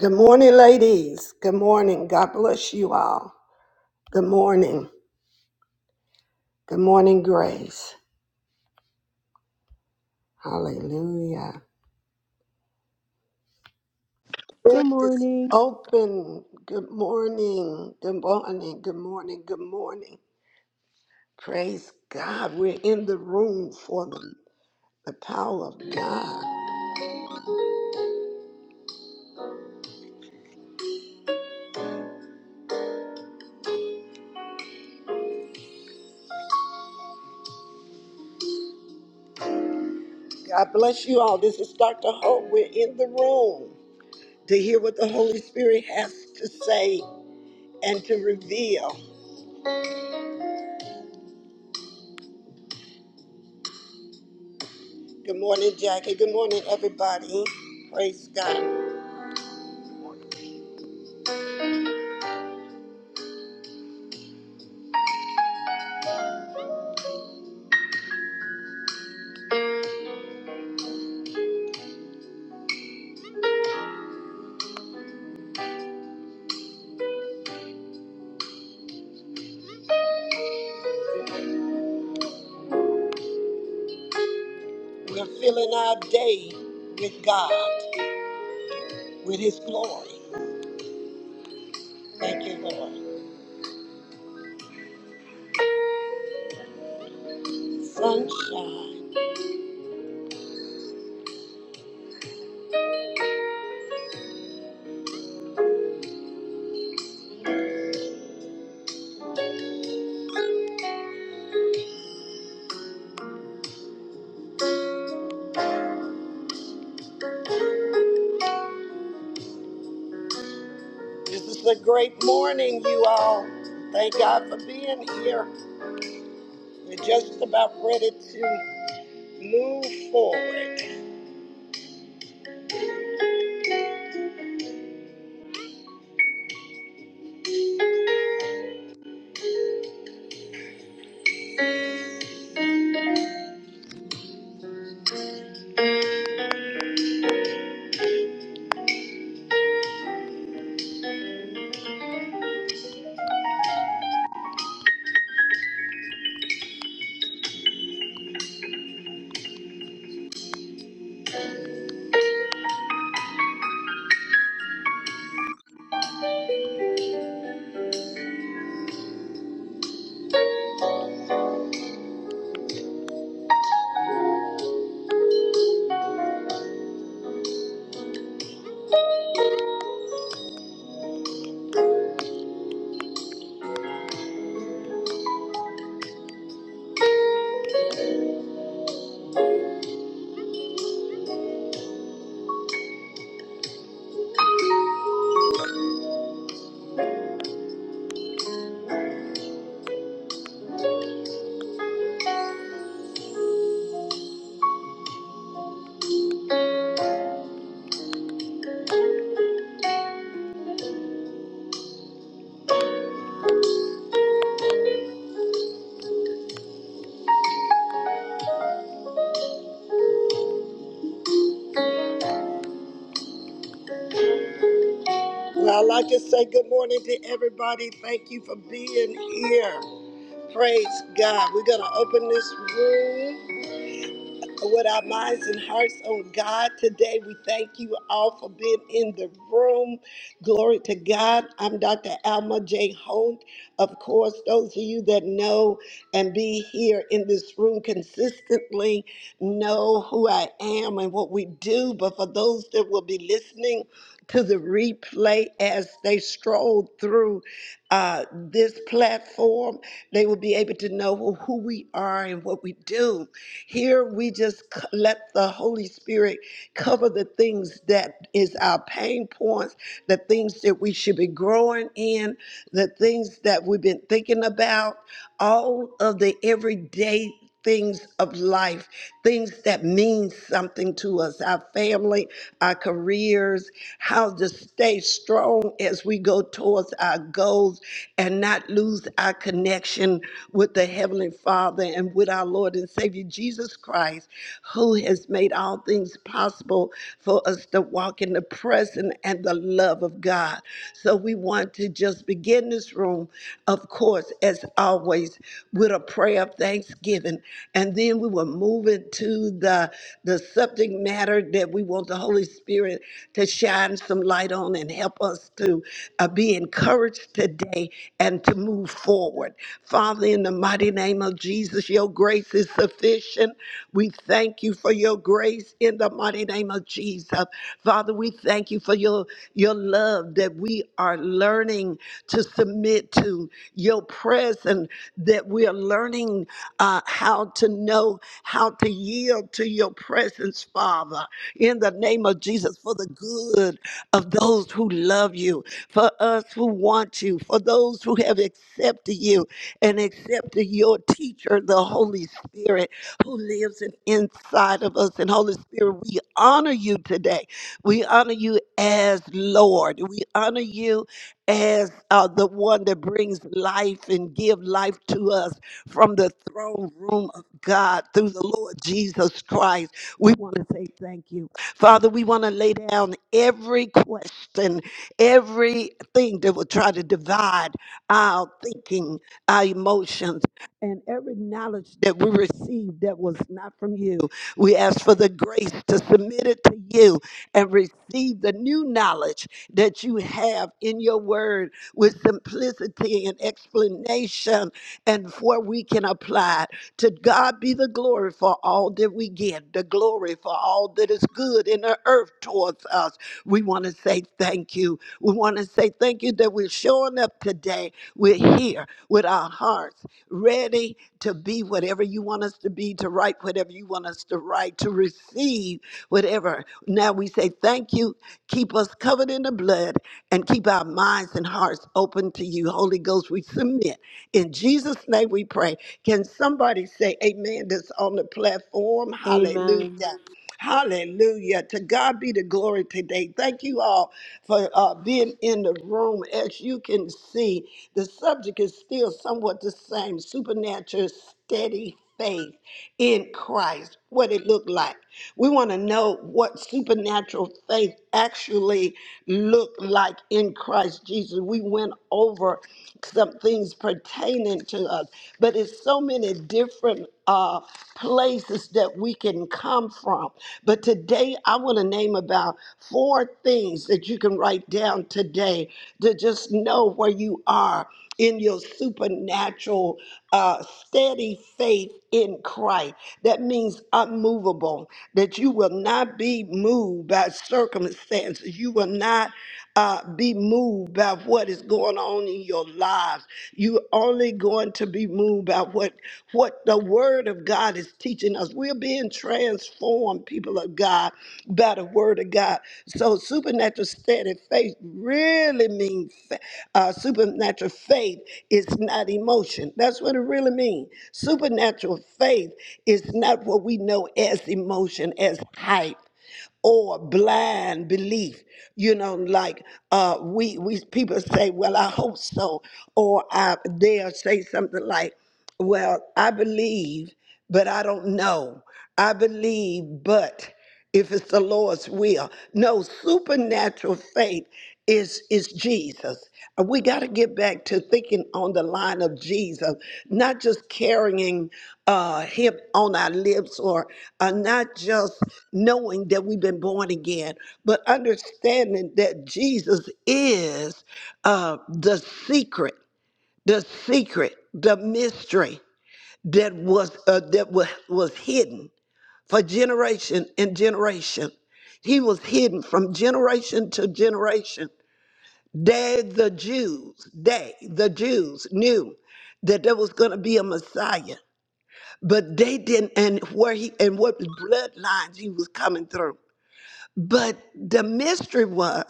Good morning, ladies. Good morning. God bless you all. Good morning. Good morning, Grace. Hallelujah. Room Good is morning. open. Good morning. Good morning. Good morning. Good morning. Praise God. We're in the room for the, the power of God. God bless you all. This is Dr. Hope. We're in the room to hear what the Holy Spirit has to say and to reveal. Good morning, Jackie. Good morning, everybody. Praise God. We're filling our day with God, with His glory. Thank you, Lord. Sunshine. This is a great morning, you all. Thank God for being here. We're just about ready to move forward. Well, I'd like to say good morning to everybody. Thank you for being here. Praise God. We're going to open this room. With our minds and hearts on God today, we thank you all for being in the room. Glory to God. I'm Dr. Alma J. Holt. Of course, those of you that know and be here in this room consistently know who I am and what we do. But for those that will be listening, to the replay as they stroll through uh, this platform. They will be able to know well, who we are and what we do. Here, we just c- let the Holy Spirit cover the things that is our pain points, the things that we should be growing in, the things that we've been thinking about, all of the everyday things of life, things that mean something to us, our family, our careers, how to stay strong as we go towards our goals and not lose our connection with the Heavenly Father and with our Lord and Savior Jesus Christ, who has made all things possible for us to walk in the presence and the love of God. God. So we want to just begin this room, of course, as always, with a prayer of thanksgiving. And then we will move into the, the subject matter that we want the Holy Spirit to shine some light on and help us to uh, be encouraged today and to move forward. Father, in the mighty name of Jesus, your grace is sufficient. We thank you for your grace in the mighty name of Jesus. Father, we thank you for your, your love that we are learning to submit to, your presence that we are learning uh, how to know how to yield to your presence, Father, in the name of Jesus, for the good of those who love you, for us who want you, for those who have accepted you and accepted your teacher, the Holy Spirit, who lives in- inside of us. And Holy Spirit, we honor you today. We honor you as Lord. We honor you as uh, the one that brings life and give life to us from the throne room of God through the Lord Jesus Christ. We want to say thank you. Father, we want to lay down every question everything that will try to divide our thinking, our emotions, and every knowledge that we received that was not from you. We ask for the grace to submit it to you and receive the new knowledge that you have in your word with simplicity and explanation and where we can apply it. To God be the glory for all that we get, the glory for all that is good in the earth towards us we want to say thank you. We want to say thank you that we're showing up today. We're here with our hearts ready to be whatever you want us to be, to write whatever you want us to write, to receive whatever. Now we say thank you. Keep us covered in the blood and keep our minds and hearts open to you. Holy Ghost, we submit. In Jesus' name we pray. Can somebody say amen that's on the platform? Amen. Hallelujah. Hallelujah. To God be the glory today. Thank you all for uh, being in the room. As you can see, the subject is still somewhat the same supernatural, steady faith in Christ, what it looked like. We want to know what supernatural faith actually looked like in Christ Jesus. We went over some things pertaining to us, but it's so many different uh, places that we can come from. But today, I want to name about four things that you can write down today to just know where you are in your supernatural, uh, steady faith in Christ. That means unmovable, that you will not be moved by circumstances. You will not uh, be moved by what is going on in your lives. You're only going to be moved by what, what the word word of God is teaching us. We're being transformed, people of God, by the word of God. So supernatural steady faith really means uh, supernatural faith is not emotion. That's what it really means. Supernatural faith is not what we know as emotion, as hype or blind belief. You know, like uh, we we people say, "Well, I hope so," or I, they'll say something like, "Well, I believe, but I don't know. I believe, but." If it's the Lord's will. No, supernatural faith is is Jesus. And we got to get back to thinking on the line of Jesus, not just carrying uh, him on our lips or uh, not just knowing that we've been born again, but understanding that Jesus is uh, the secret, the secret, the mystery that was uh, that was, was hidden for generation and generation. He was hidden from generation to generation they, the Jews, they, the Jews knew that there was going to be a Messiah, but they didn't, and where he, and what bloodlines he was coming through. But the mystery was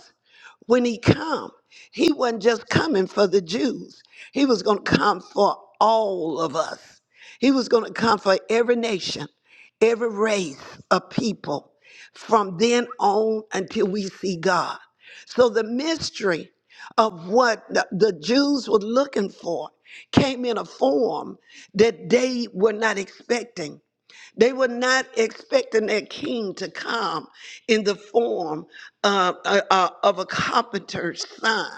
when he come, he wasn't just coming for the Jews. He was going to come for all of us. He was going to come for every nation, every race of people from then on until we see God. So the mystery of what the, the Jews were looking for came in a form that they were not expecting. They were not expecting their king to come in the form uh, uh, uh, of a carpenter's son.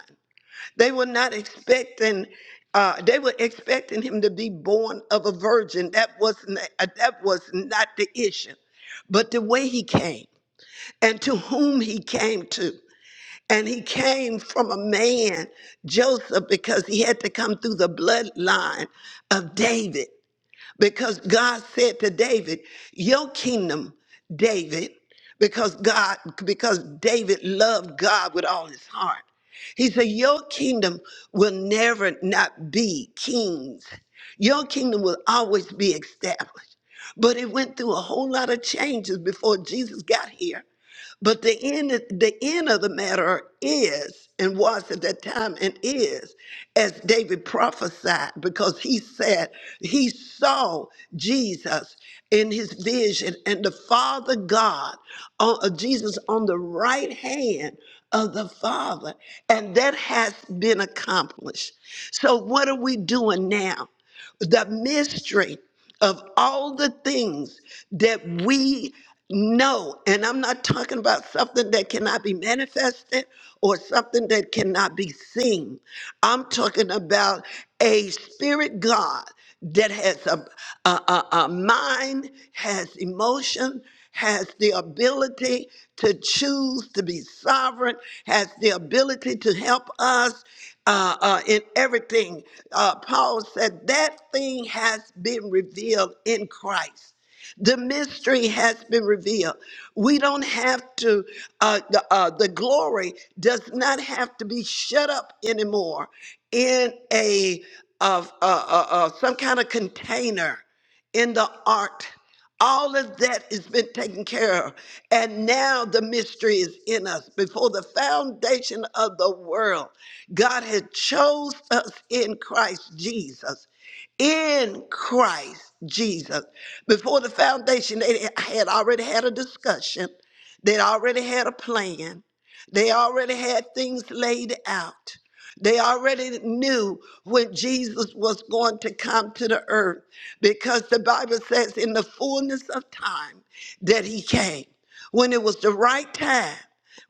They were not expecting. Uh, they were expecting him to be born of a virgin. That was not, uh, that was not the issue, but the way he came and to whom he came to. And he came from a man, Joseph, because he had to come through the bloodline of David. Because God said to David, Your kingdom, David, because God, because David loved God with all his heart. He said, Your kingdom will never not be kings. Your kingdom will always be established. But it went through a whole lot of changes before Jesus got here. But the end, the end of the matter is, and was at that time, and is, as David prophesied, because he said he saw Jesus in his vision and the Father God, uh, uh, Jesus on the right hand of the Father, and that has been accomplished. So, what are we doing now? the mystery of all the things that we know. And I'm not talking about something that cannot be manifested or something that cannot be seen. I'm talking about a spirit God that has a, a, a, a mind, has emotion has the ability to choose to be sovereign, has the ability to help us uh, uh, in everything. Uh, Paul said that thing has been revealed in Christ. The mystery has been revealed. We don't have to, uh, the, uh, the glory does not have to be shut up anymore in a, of uh, uh, uh, some kind of container in the ark. All of that has been taken care of. And now the mystery is in us. Before the foundation of the world, God had chose us in Christ Jesus. In Christ Jesus. Before the foundation, they had already had a discussion. They'd already had a plan. They already had things laid out. They already knew when Jesus was going to come to the earth because the Bible says in the fullness of time that he came. When it was the right time,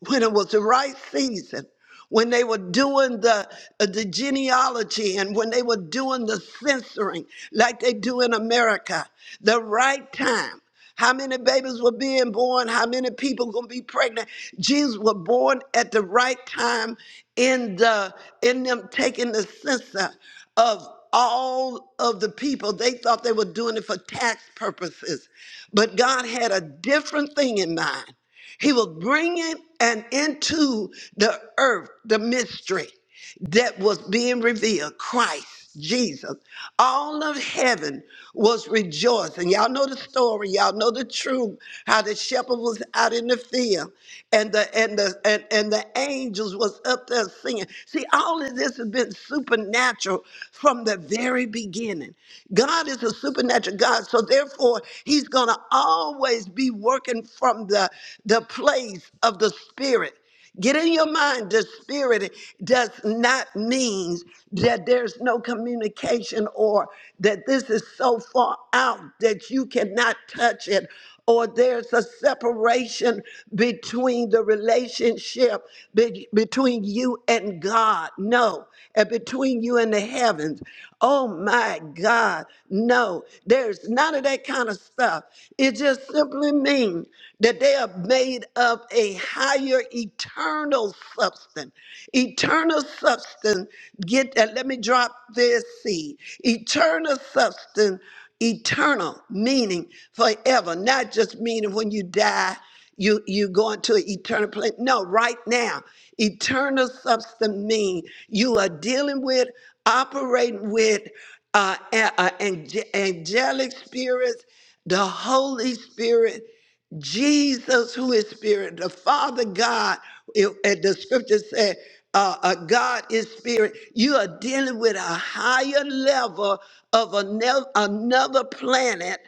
when it was the right season, when they were doing the uh, the genealogy and when they were doing the censoring like they do in America the right time how many babies were being born how many people going to be pregnant Jesus was born at the right time in the in them taking the census of all of the people they thought they were doing it for tax purposes but God had a different thing in mind he will bring it and into the earth the mystery that was being revealed Christ, Jesus. All of heaven was rejoicing. Y'all know the story, y'all know the truth, how the shepherd was out in the field and the and the and, and the angels was up there singing. See, all of this has been supernatural from the very beginning. God is a supernatural God, so therefore he's gonna always be working working from the, the place of the spirit. Get in your mind, the spirit does not mean that there's no communication or that this is so far out that you cannot touch it or there's a separation between the relationship be- between you and God. No. And between you and the heavens. Oh my God. No. There's none of that kind of stuff. It just simply means that they are made of a higher eternal substance. Eternal substance, get that. Let me drop this seed. Eternal substance, eternal meaning forever, not just meaning when you die, you you going to an eternal place. No, right now, eternal substance mean you are dealing with, operating with uh, a- a- ange- angelic spirits the Holy Spirit, Jesus, who is Spirit, the Father God. It- and the scripture said, uh, uh, God is Spirit. You are dealing with a higher level of another, another planet,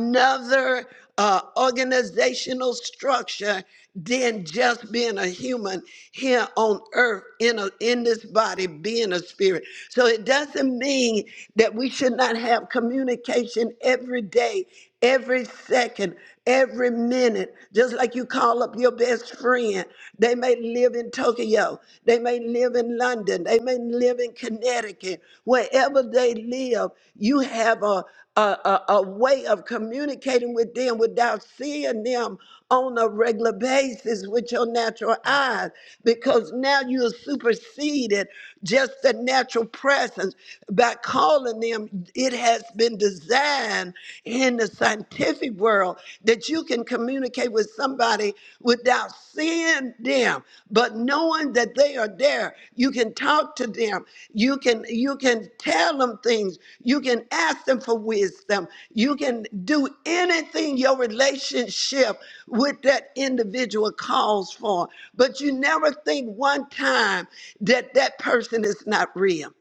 another uh, organizational structure than just being a human here on earth in a, in this body being a spirit so it doesn't mean that we should not have communication every day every second every minute just like you call up your best friend they may live in tokyo they may live in london they may live in connecticut wherever they live you have a a, a, a way of communicating with them without seeing them on a regular basis with your natural eyes because now you have superseded just the natural presence by calling them it has been designed in the scientific world that you can communicate with somebody without without seeing them, but knowing that they are there. You can talk to them. You can you can tell them things. You can ask them for wisdom. You can do anything your relationship with that individual calls for. But you never think one time that that person is not real.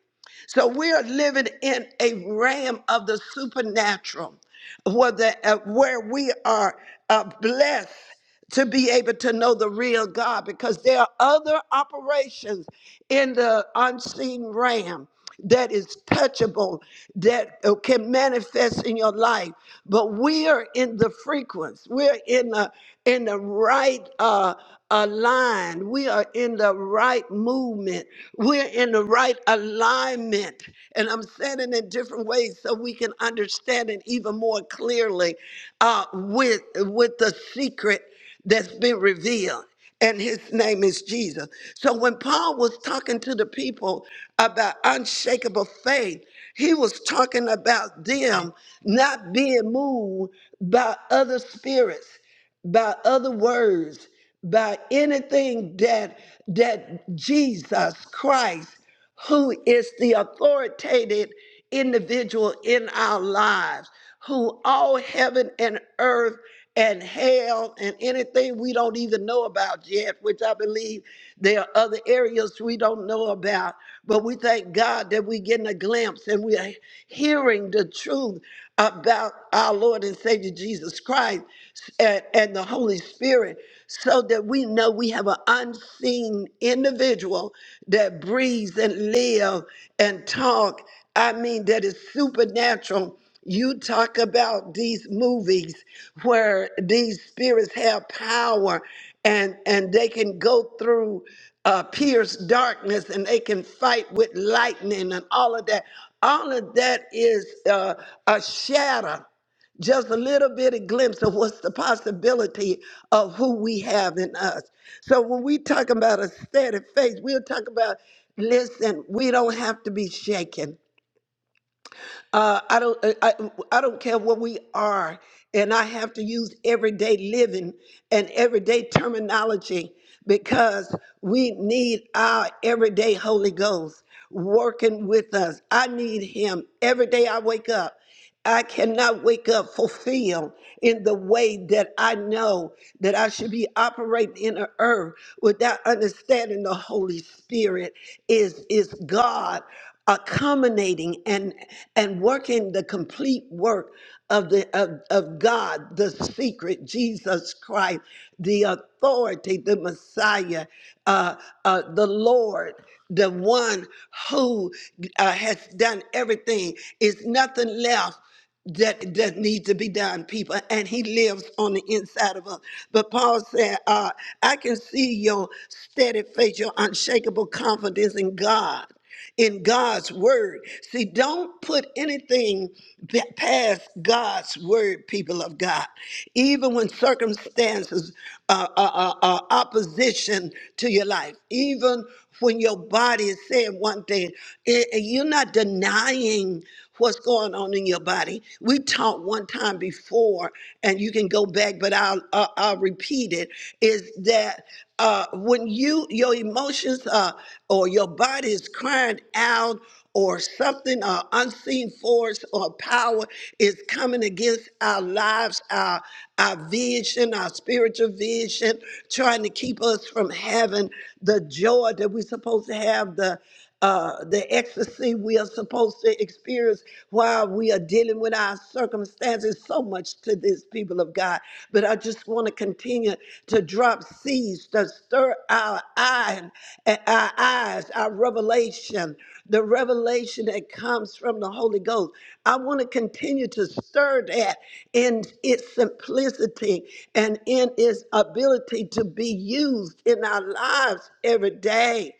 So we are living in a realm of the supernatural, where, the, uh, where we are uh, blessed to be able to know the real God because there are other operations in the unseen realm that is touchable, that uh, can manifest in your life. But we are in the frequency. We're in the in the right uh, uh, line. We are in the right movement. We're in the right alignment. And I'm saying it in different ways so we can understand it even more clearly uh, with with the secret that's been revealed, and his name is Jesus. So when Paul was talking to the people about unshakable faith, he was talking about them not being moved by other spirits, by other words, by anything that that Jesus Christ who is the authoritative individual in our lives, who all heaven and earth and hell and anything we don't even know about yet, which I believe there are other areas we don't know about. But we thank God that we're getting a glimpse and we are hearing the truth about our Lord and Savior Jesus Christ and, and the Holy Spirit so that we know we have an unseen individual that breathes and live and talk. I mean, that is supernatural. You talk about these movies where these spirits have power and, and they can go through uh, pierce darkness and they can fight with lightning and all of that. All of that is uh, a shadow just a little bit of glimpse of what's the possibility of who we have in us. So when we talk about a steady faith, we'll talk about listen, we don't have to be shaken. Uh, I don't I, I I don't care what we are, and I have to use everyday living and everyday terminology because we need our everyday Holy Ghost working with us. I need him every day I wake up. I cannot wake up fulfilled in the way that I know that I should be operating in the earth without understanding the Holy Spirit is is God accommodating and and working the complete work of the of, of God, the secret, Jesus Christ, the authority, the Messiah, uh, uh, the Lord the one who uh, has done everything. It's nothing left that that needs to be done, people. And He lives on the inside of us. But Paul said, uh, "I can see your steady faith, your unshakable confidence in God." In God's word. See, don't put anything pa- past God's word, people of God. Even when circumstances are uh, uh, uh, opposition to your life, even when your body is saying one thing, and and you're not denying what's going on in your body. We talked one time before, and you can go back, but I'll uh, I'll repeat it. Is that uh, when you your emotions uh, or your body is crying out? or something or unseen force or power is coming against our lives, our our vision, our spiritual vision, trying to keep us from having the joy that we're supposed to have, the uh, the ecstasy we are supposed to experience while we are dealing with our circumstances. So much to this people of God of God. But I just want to continue to drop seeds to stir our eye, eh, our eyes, our revelation, the revelation that comes from the Holy Ghost. I want to continue to stir that in its simplicity and in its ability to be used in our lives every day.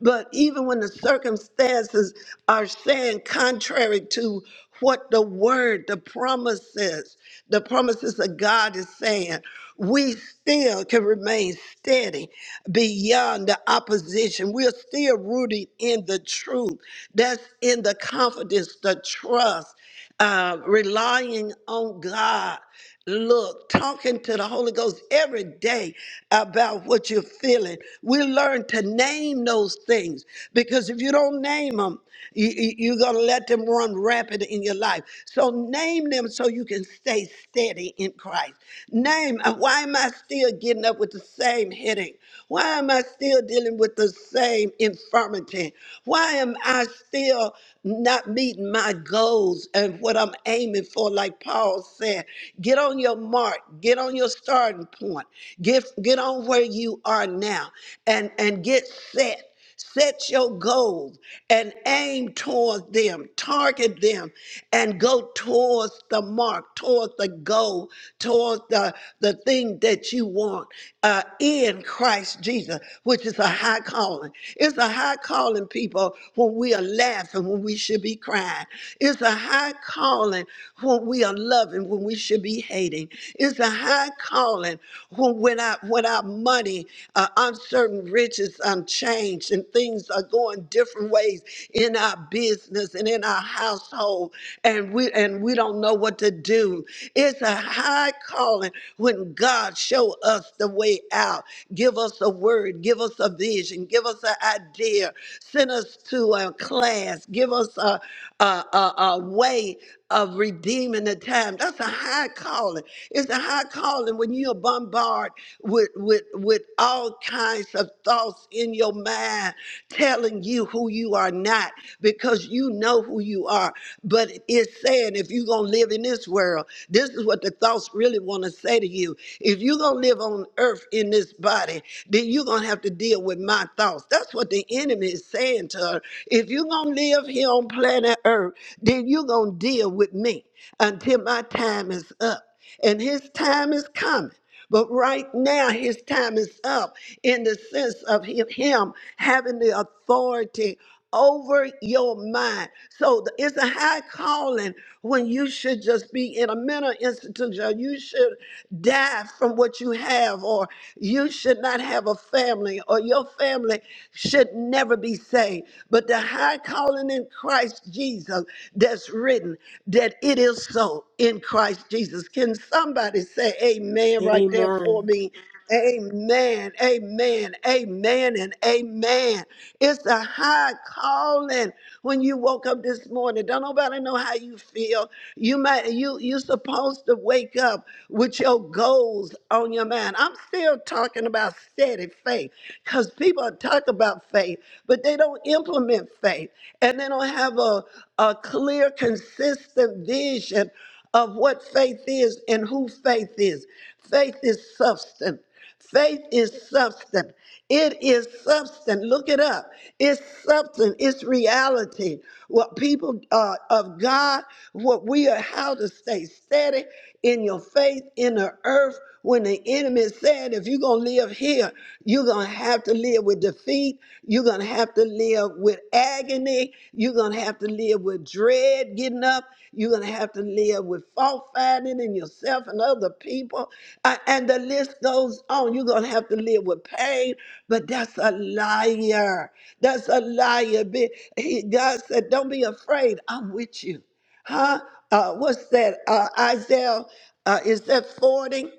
But even when the circumstances are saying contrary to what the word, the promises, the promises of God is saying, we still can remain steady beyond the opposition. We're still rooted in the truth. That's in the confidence, the trust uh, relying on God. Look, talking to the Holy Ghost every day about what you're feeling. We learn to name those things because if you don't name them, you, you- you're going to let them run rampant in your life. So name them so you can stay steady in Christ. Name, uh, why am I still getting up with the same headache? Why am I still dealing with the same infirmity? Why am I still not meeting? complete my goals and what I'm aiming for, like Paul said. Get on your mark, get on your starting point, get get on where you are now and, and get set. Set your goals and aim towards them, target them, and go towards the mark, towards the goal, towards the, the thing that you want uh, in Christ Jesus, which is a high calling. It's a high calling, people, when we are led laughing when we should be crying. It's a high calling when we are loving when we should be hating. It's a high calling when, when, our, when our money, uh, uncertain riches, unchanged, and things are going different ways in our business and in our household, and we and we don't know what to do. It's a high calling when God show us the way out, give us a word, give us a vision, give us an idea, send us us to a class, give us a, a, a, a way of redeeming the time. That's a high calling. It's a high calling when you're bombarded with, with, with all kinds of thoughts in your mind telling you who you are not because you know who you are. But it's saying if you're going to live in this world, this is what the thoughts really want to say to you. If you're going to live on earth in this body, then you're going to have to deal with my thoughts. That's what the enemy is saying to her. If you're going to live here on planet Earth, then you're going to deal with me until my time is up. And his time is coming. But right now, his time is up in the sense of him him having the authority over your mind. So th- it's a high calling when you should just be in a mental institution. Or you should die from what you have, or you should not have a family, or your family should never be saved. But the high calling in Christ Jesus that's written that it is so in Christ Jesus. Can somebody say amen right there for Amen. me? Amen, amen, amen, and amen. It's a high calling when you woke up this morning. Don't nobody know how you feel. You might you you are supposed to wake up with your goals on your mind. I'm still talking about steady faith because people talk about faith, but they don't implement faith and they don't have a, a clear, consistent vision of what faith is and who faith is. Faith is substance. Faith is substance. It is substance. Look it up. It's substance. It's reality. What people uh, of God, what we are, how to stay steady in your faith in the earth when the enemy said, if you're going to live here, you're going to have to live with defeat. You're going to have have to live with agony. You're going to have to live with dread getting up. You're going to have to live with fault finding in yourself and other people. A- And the list goes on. You're going to have to live with pain, but that's a liar. That's a liar. Be- he- God said, Don't be afraid. I'm with you. Huh? Uh, what's that? Uh, Isaiah, uh, is that 40?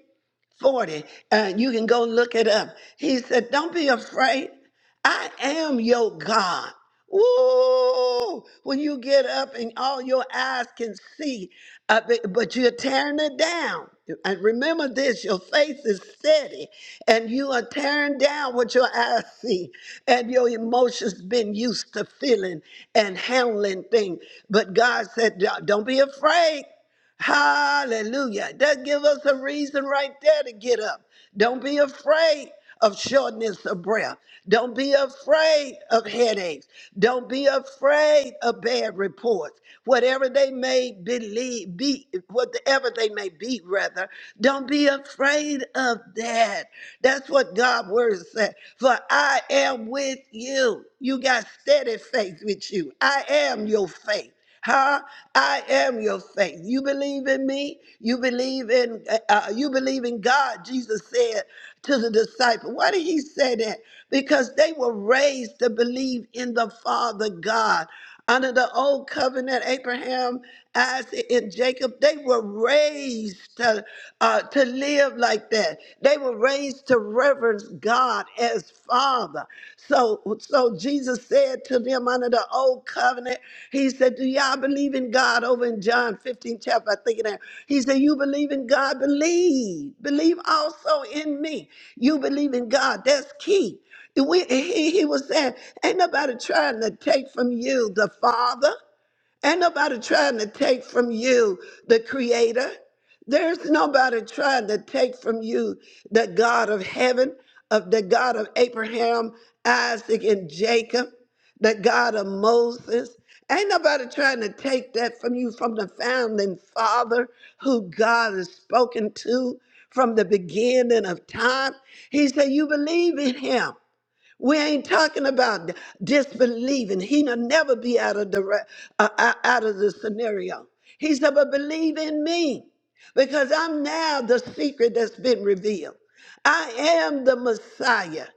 40, and you can go look it up. He said, Don't be afraid. I am your God. Ooh, When you get up and all your eyes can see, uh, b- but you're tearing it down. And remember this your faith is steady, and you are tearing down what your eyes see, and your emotions been used to feeling and handling things. But God said, don't be afraid. Hallelujah. That give us a reason right there to get up. Don't be afraid of shortness of breath. Don't be afraid of headaches. Don't be afraid of bad reports. Whatever they may believe, be whatever they may be, rather, don't be afraid of that. That's what God's word said. For I am with you. You got steady faith with you. I am your faith. Huh? I am your faith. You believe in me. You believe in uh, uh, you believe in God. Jesus said to the disciple. Why did he say that? Because they were raised to believe in the Father God. Under the old covenant, Abraham, Isaac, and Jacob, they were raised to, uh, to live like that. They were raised ways to reverence God as Father. So, so Jesus said to them under the old covenant, He said, Do y'all believe in God? Over in John 15, chapter, I think it is. He said, You believe in God, believe. Believe also in me. You believe in God. That's key. We, he, he was saying, Ain't nobody trying to take from you the Father. Ain't nobody trying to take from you the creator. There's nobody trying to take from you the God of heaven, of the God of Abraham, Isaac, and Jacob, the God of Moses. Ain't nobody trying to take that from you from the founding father who God has spoken to from the beginning of time. He said, You believe in him. We ain't talking about disbelieving. He'll never be out of the re- uh, uh, out of the scenario. He said, "But believe in me, because I'm now the secret that's been revealed. I am the Messiah.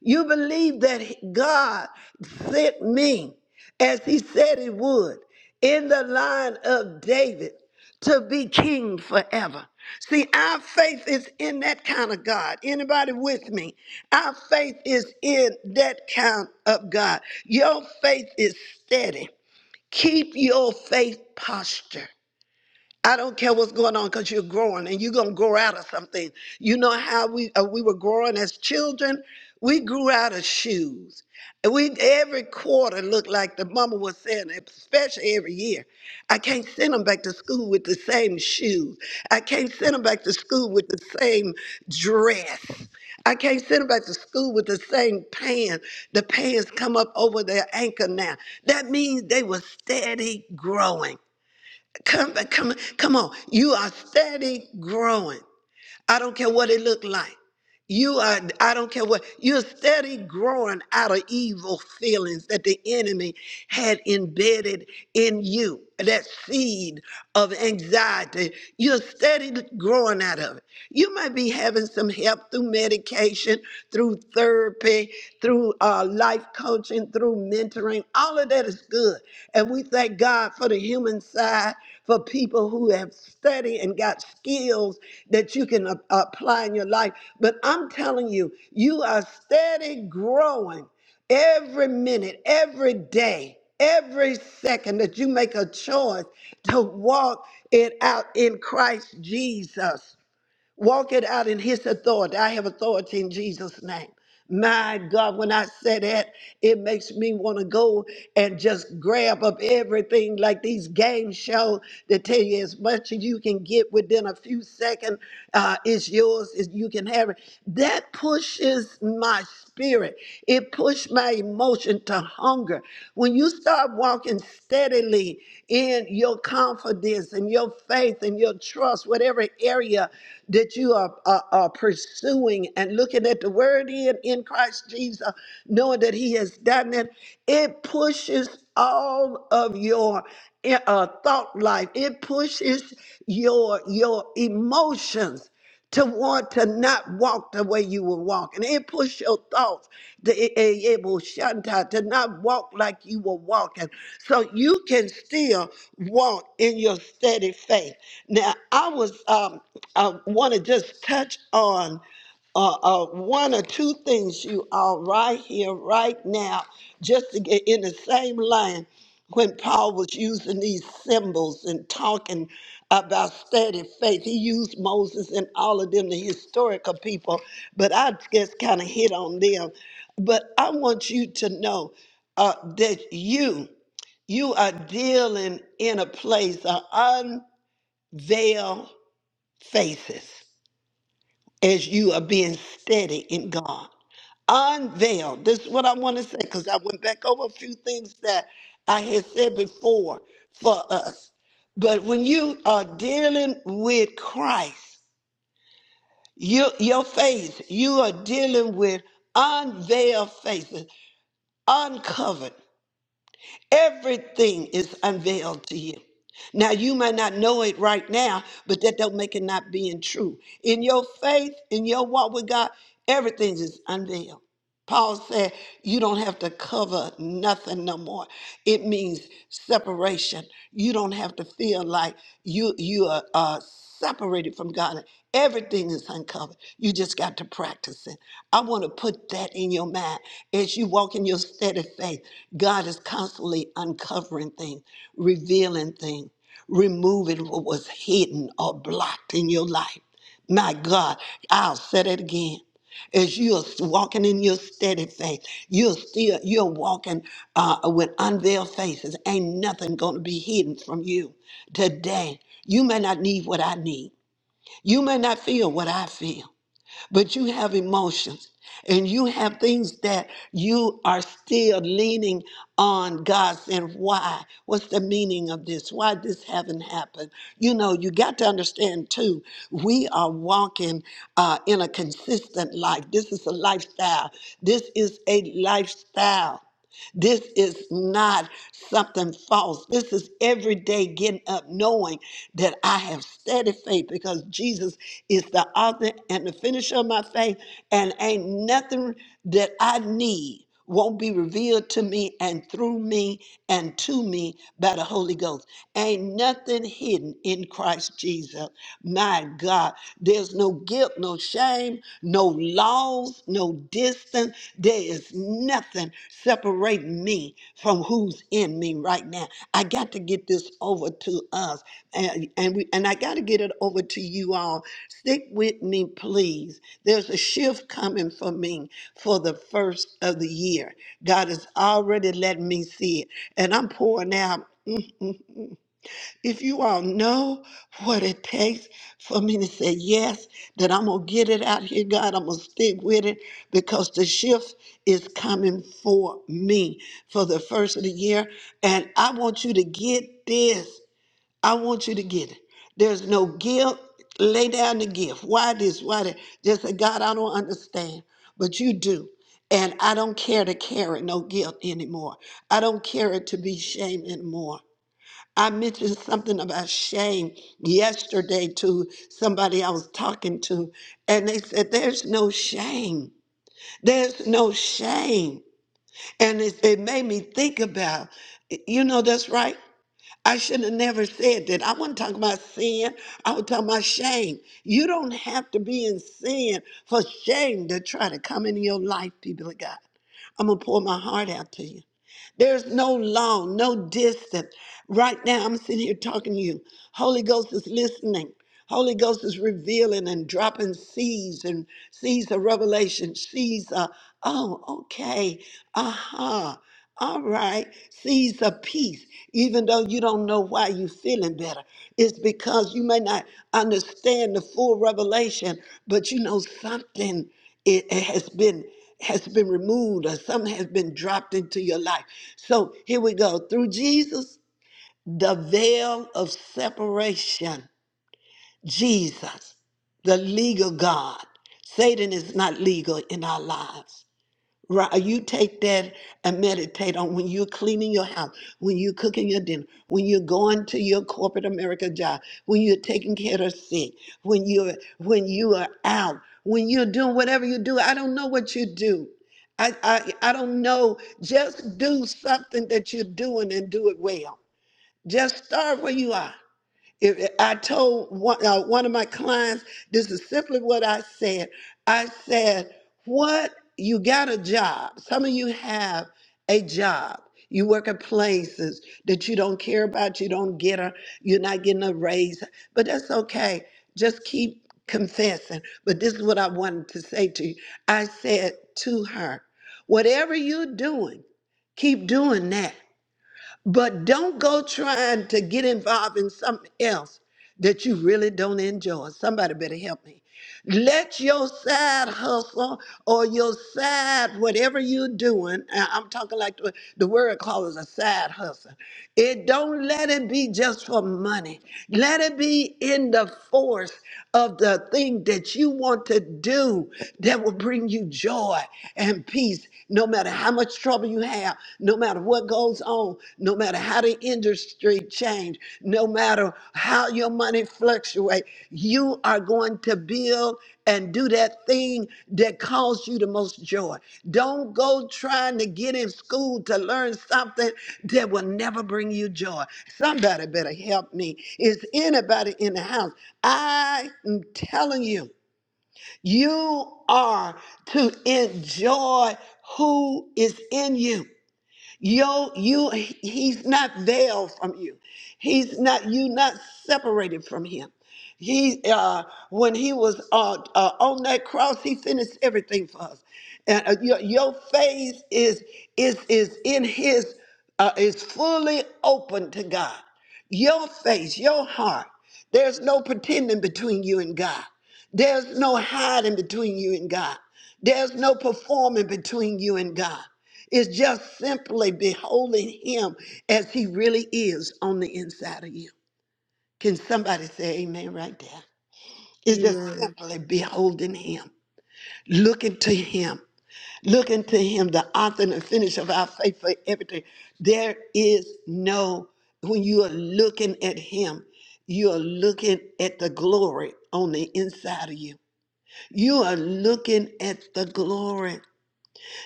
You believe that he- God sent me, as He said He would, in the line of David to be king forever. See, our faith is in that kind of God. Anybody with me? Our faith is in that kind of God. Your faith is steady. Keep your faith posture. I don't care what's going on because you're growing and you're going to grow out of something. You know how we uh, we were growing as children? We grew out of shoes. And we every quarter looked like the mama was saying, especially every year. I can't send them back to school with the same shoes. I can't send them back to school with the same dress. I can't send them back to school with the same pants. The pants come up over their ankle now. That means they were steady growing. Come, uh, come, come on. You are steady growing. I don't care what it looked like. You are, I don't care what, you're steady growing out of evil feelings that the enemy had embedded in you, that seed of anxiety. You're steady growing out of it. You might be having some help through medication, through therapy, through uh, life coaching, through mentoring. All of that is good. And we thank God for the human side for people who have studied and got skills that you can a- apply in your life. But I'm telling you, you are steady growing every minute, every day, every second that you make a choice to walk it out in Christ Jesus. Walk it out in his authority. I have authority in Jesus' name. My God, when I say that, it makes me want to go and just grab up everything like these game shows that tell you as much as you can get within a few seconds uh, is yours, is you can have it. That pushes my spirit. It pushed my emotion to hunger. When you start walking steadily in your confidence and your faith and your trust, whatever area that you are, are, are pursuing and looking at the word in, in Christ Jesus, knowing that He has done it, it pushes all of your eh, uh, thought life, it pushes your, your emotions to want to not walk the way you were walking. It pushed your thoughts to, it, it will shut out, to not walk like you were walking. So you can still walk in your steady faith. Now, I was, um, I want to just touch on uh, uh, one or two things you are right here, right now, just to get in the same line when Paul was using these symbols and talking about steady faith, he used Moses and all of them, the historical people, but I just kind of hit on them. But I want you to know uh, that you, you are dealing in a place of unveiled faces as you are being steady in God. Unveiled. This is what I want to say because I went back over a few things that I had said before for us. But when you are dealing with Christ, you, your face, you are dealing with unveiled faces, uncovered. Everything is unveiled to you. Now you might not know it right now, but that don't make it not being true. In your faith, in your walk with God, everything is unveiled. Paul said, You don't have to cover nothing no more. It means separation. You don't have to feel like you, you are uh, separated from God. Everything is uncovered. You just got to practice it. I want to put that in your mind. As you walk in your steady faith, God is constantly uncovering things, revealing things, removing what was hidden or blocked in your life. My God, I'll say it again as you're walking in your steady faith, you're still you're walking uh, with unveiled faces. Ain't nothing going to be hidden from you today. You may not need what I need. You may not feel what I feel but you have emotions and you have things that you are still leaning on God saying, Why? What's the meaning of this? Why this haven't happened? You know, you got to understand too, we are walking uh, in a consistent life. This is a lifestyle. This is a lifestyle. This is not something false. This is every day getting up knowing that I have steady faith because Jesus is the author and the finisher of my faith, and ain't nothing that I need won't be revealed to me and through me and to me by the Holy Ghost. Ain't nothing hidden in Christ Jesus. My God, there's no guilt, no shame, no laws, no distance. There is nothing separating me from who's in me right now. I got to get this over to us, and and we and I got to get it over to you all. Stick with me, please. There's a shift coming for me for the first of the year. God has already let me see it, and I'm pouring out. If you all know what it takes for me to say yes, that I'm going to get it out here, God, I'm going to stick with it because the shift is coming for me for the first of the year. And I want you to get this. I want you to get it. There's no guilt. Lay down the gift. Why this? Why that? Just say, God, I don't understand, but you do. And I don't care to carry no guilt anymore. I don't care to be shame anymore. I mentioned something about shame yesterday to somebody I was talking to, and they said, There's no shame. There's no shame. And it, it made me think about, you know, that's right. I should have never said that. I wasn't talking about sin. I was talking about shame. You don't have to be in sin for shame to try to come into your life, people of God. I'm going to pour my heart out to you. There's no law, no distance. Right now, I'm sitting here talking to you. Holy Ghost is listening. Holy Ghost is revealing and dropping seeds and seeds of revelation, seeds of, oh, okay, aha. All right. Seeds of peace, even though you don't know why you're feeling better. It's because you may not understand the full revelation, but you know something it it has been has been removed or something has been dropped into your life. So here we go. Through Jesus, the veil of separation. Jesus, the legal God. Satan is not legal in our lives. Right. You take that and meditate on when you're cleaning your house, when you're cooking your dinner, when you're going to your corporate America job, when you're taking care of the sick, when you're when you are out, when you're doing whatever you do. I don't know what you do. I I, I don't know. Just do something that you're doing and do it well. Just start where you are. If I told one, uh, one of my clients, this is simply what I said. I said, "What you got a job? Some of you have a job. You work at places that you don't care about. You don't get a. You're not getting a raise, but that's okay. Just keep confessing." But this is what I wanted to say to you. I said to her, "Whatever you're doing, keep doing that." But don't go trying to get involved in something else that you really don't enjoy. Somebody better help me. Let your side hustle or your side, whatever you're doing, I- I'm talking like the, the word calls a side hustle. It don't let it be just for money. Let it be in the force of the thing that you want to do that will bring you joy and peace no matter how much trouble you have, no matter what goes on, no matter how the industry change, no matter how your money fluctuate, you are going to build and do that thing that caused you the most joy. Don't go trying to get in school to learn something that will never bring you joy. Somebody better help me. Is anybody in the house? I am telling you. You are to enjoy who is in you. Yo, you he's not veiled from you. He's not you not separated from him. He uh when he was uh, uh on that cross, he finished everything for us. And uh, your, your face is is is in his uh, is fully open to God. Your face, your heart. There's no pretending between you and God. There's no hiding between you and God. There's no performing between you and God. It's just simply beholding Him as He really is on the inside of you. Can somebody say amen right there? It's just Amen. simply beholding Him, looking to Him, Look into him, the author and the finisher of our faith for everything. There is no, when you are looking at him, you are looking at the glory on the inside of you. You are looking at the glory.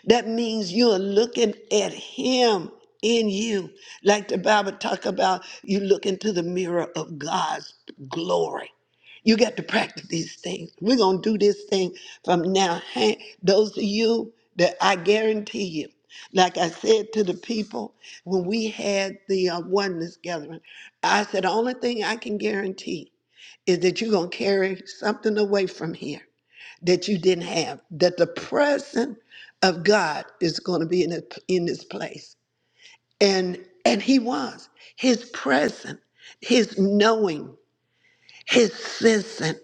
That means you are looking at him in you. Like the Bible talk about you look into the mirror of God's glory. You got to practice these things. We're going to do this thing from now. Hey, those of you that I guarantee you, like I said to the people when we had the uh, oneness gathering, I said, the only thing I can guarantee is that you're going to carry something away from here that you didn't have. That the presence of God is going to be in, it- in this place. And and he was. His presence, his knowing, his sensing,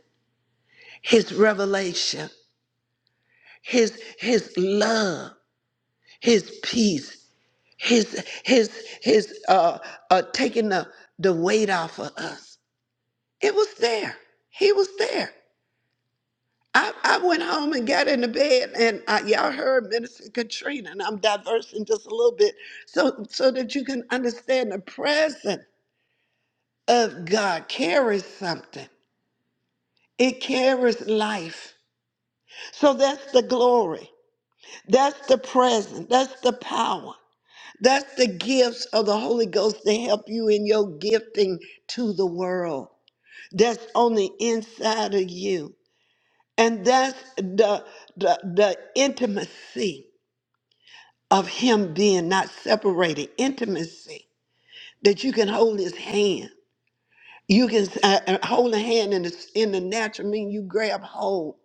his revelation, his his love, his peace, his his his uh uh taking the, the weight off of us. It was there. He was there. I, I went home and got into bed, and I, y'all heard Minister Katrina, and I'm diversing just a little bit so, so that you can understand the presence of God carries something, it carries life. So that's the glory, that's the presence, that's the power, that's the gifts of the Holy Ghost to help you in your gifting to the world that's on the inside of you. And that's the, the, the intimacy. of him being not separated, intimacy that you can hold his hand. You can uh, uh, hold a hand in the, in the natural mean you grab hold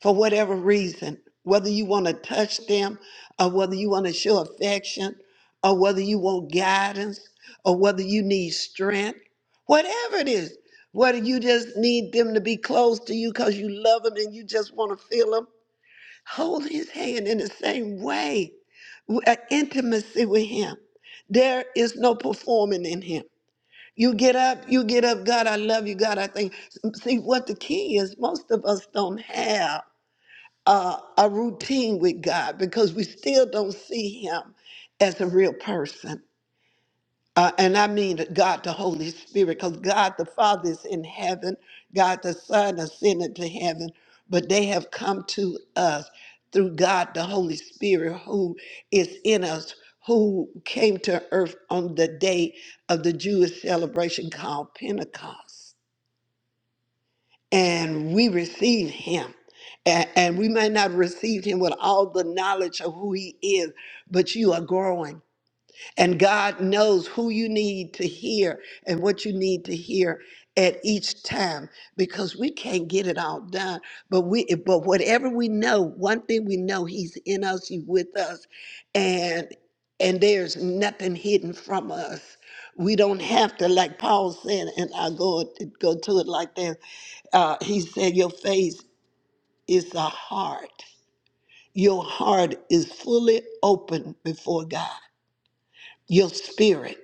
for whatever reason, whether you want to touch them, or whether you want to show affection, or whether you want guidance, or whether you need strength, whatever it is, whether you just need them to be close to you because you love them and you just want to feel them hold his hand in the same way, w- uh, intimacy with him. There is no performing in him. You get up, you get up, God, I love you, God, I think. See, what the key is, most of us don't have uh, a routine with God because we still don't see him as a real person. Uh, and I mean God the Holy Spirit, because God the Father is in heaven, God the Son ascended to heaven, but they have come to us through God the Holy Spirit who is in us, who came to earth on the day of the Jewish celebration called Pentecost. And we receive him. A- And we may not receive him with all the knowledge of who he is, but you are growing and God knows who you need to hear and what you need to hear at each time because we can't get it all done. But we eh, but whatever we know, one thing we know, He's in us, He's with us, and and there's nothing hidden from us. We don't have to, like Paul said, and I go go to it like this. Uh, he said, Your face is the heart. Your heart is fully open before God. Your spirit.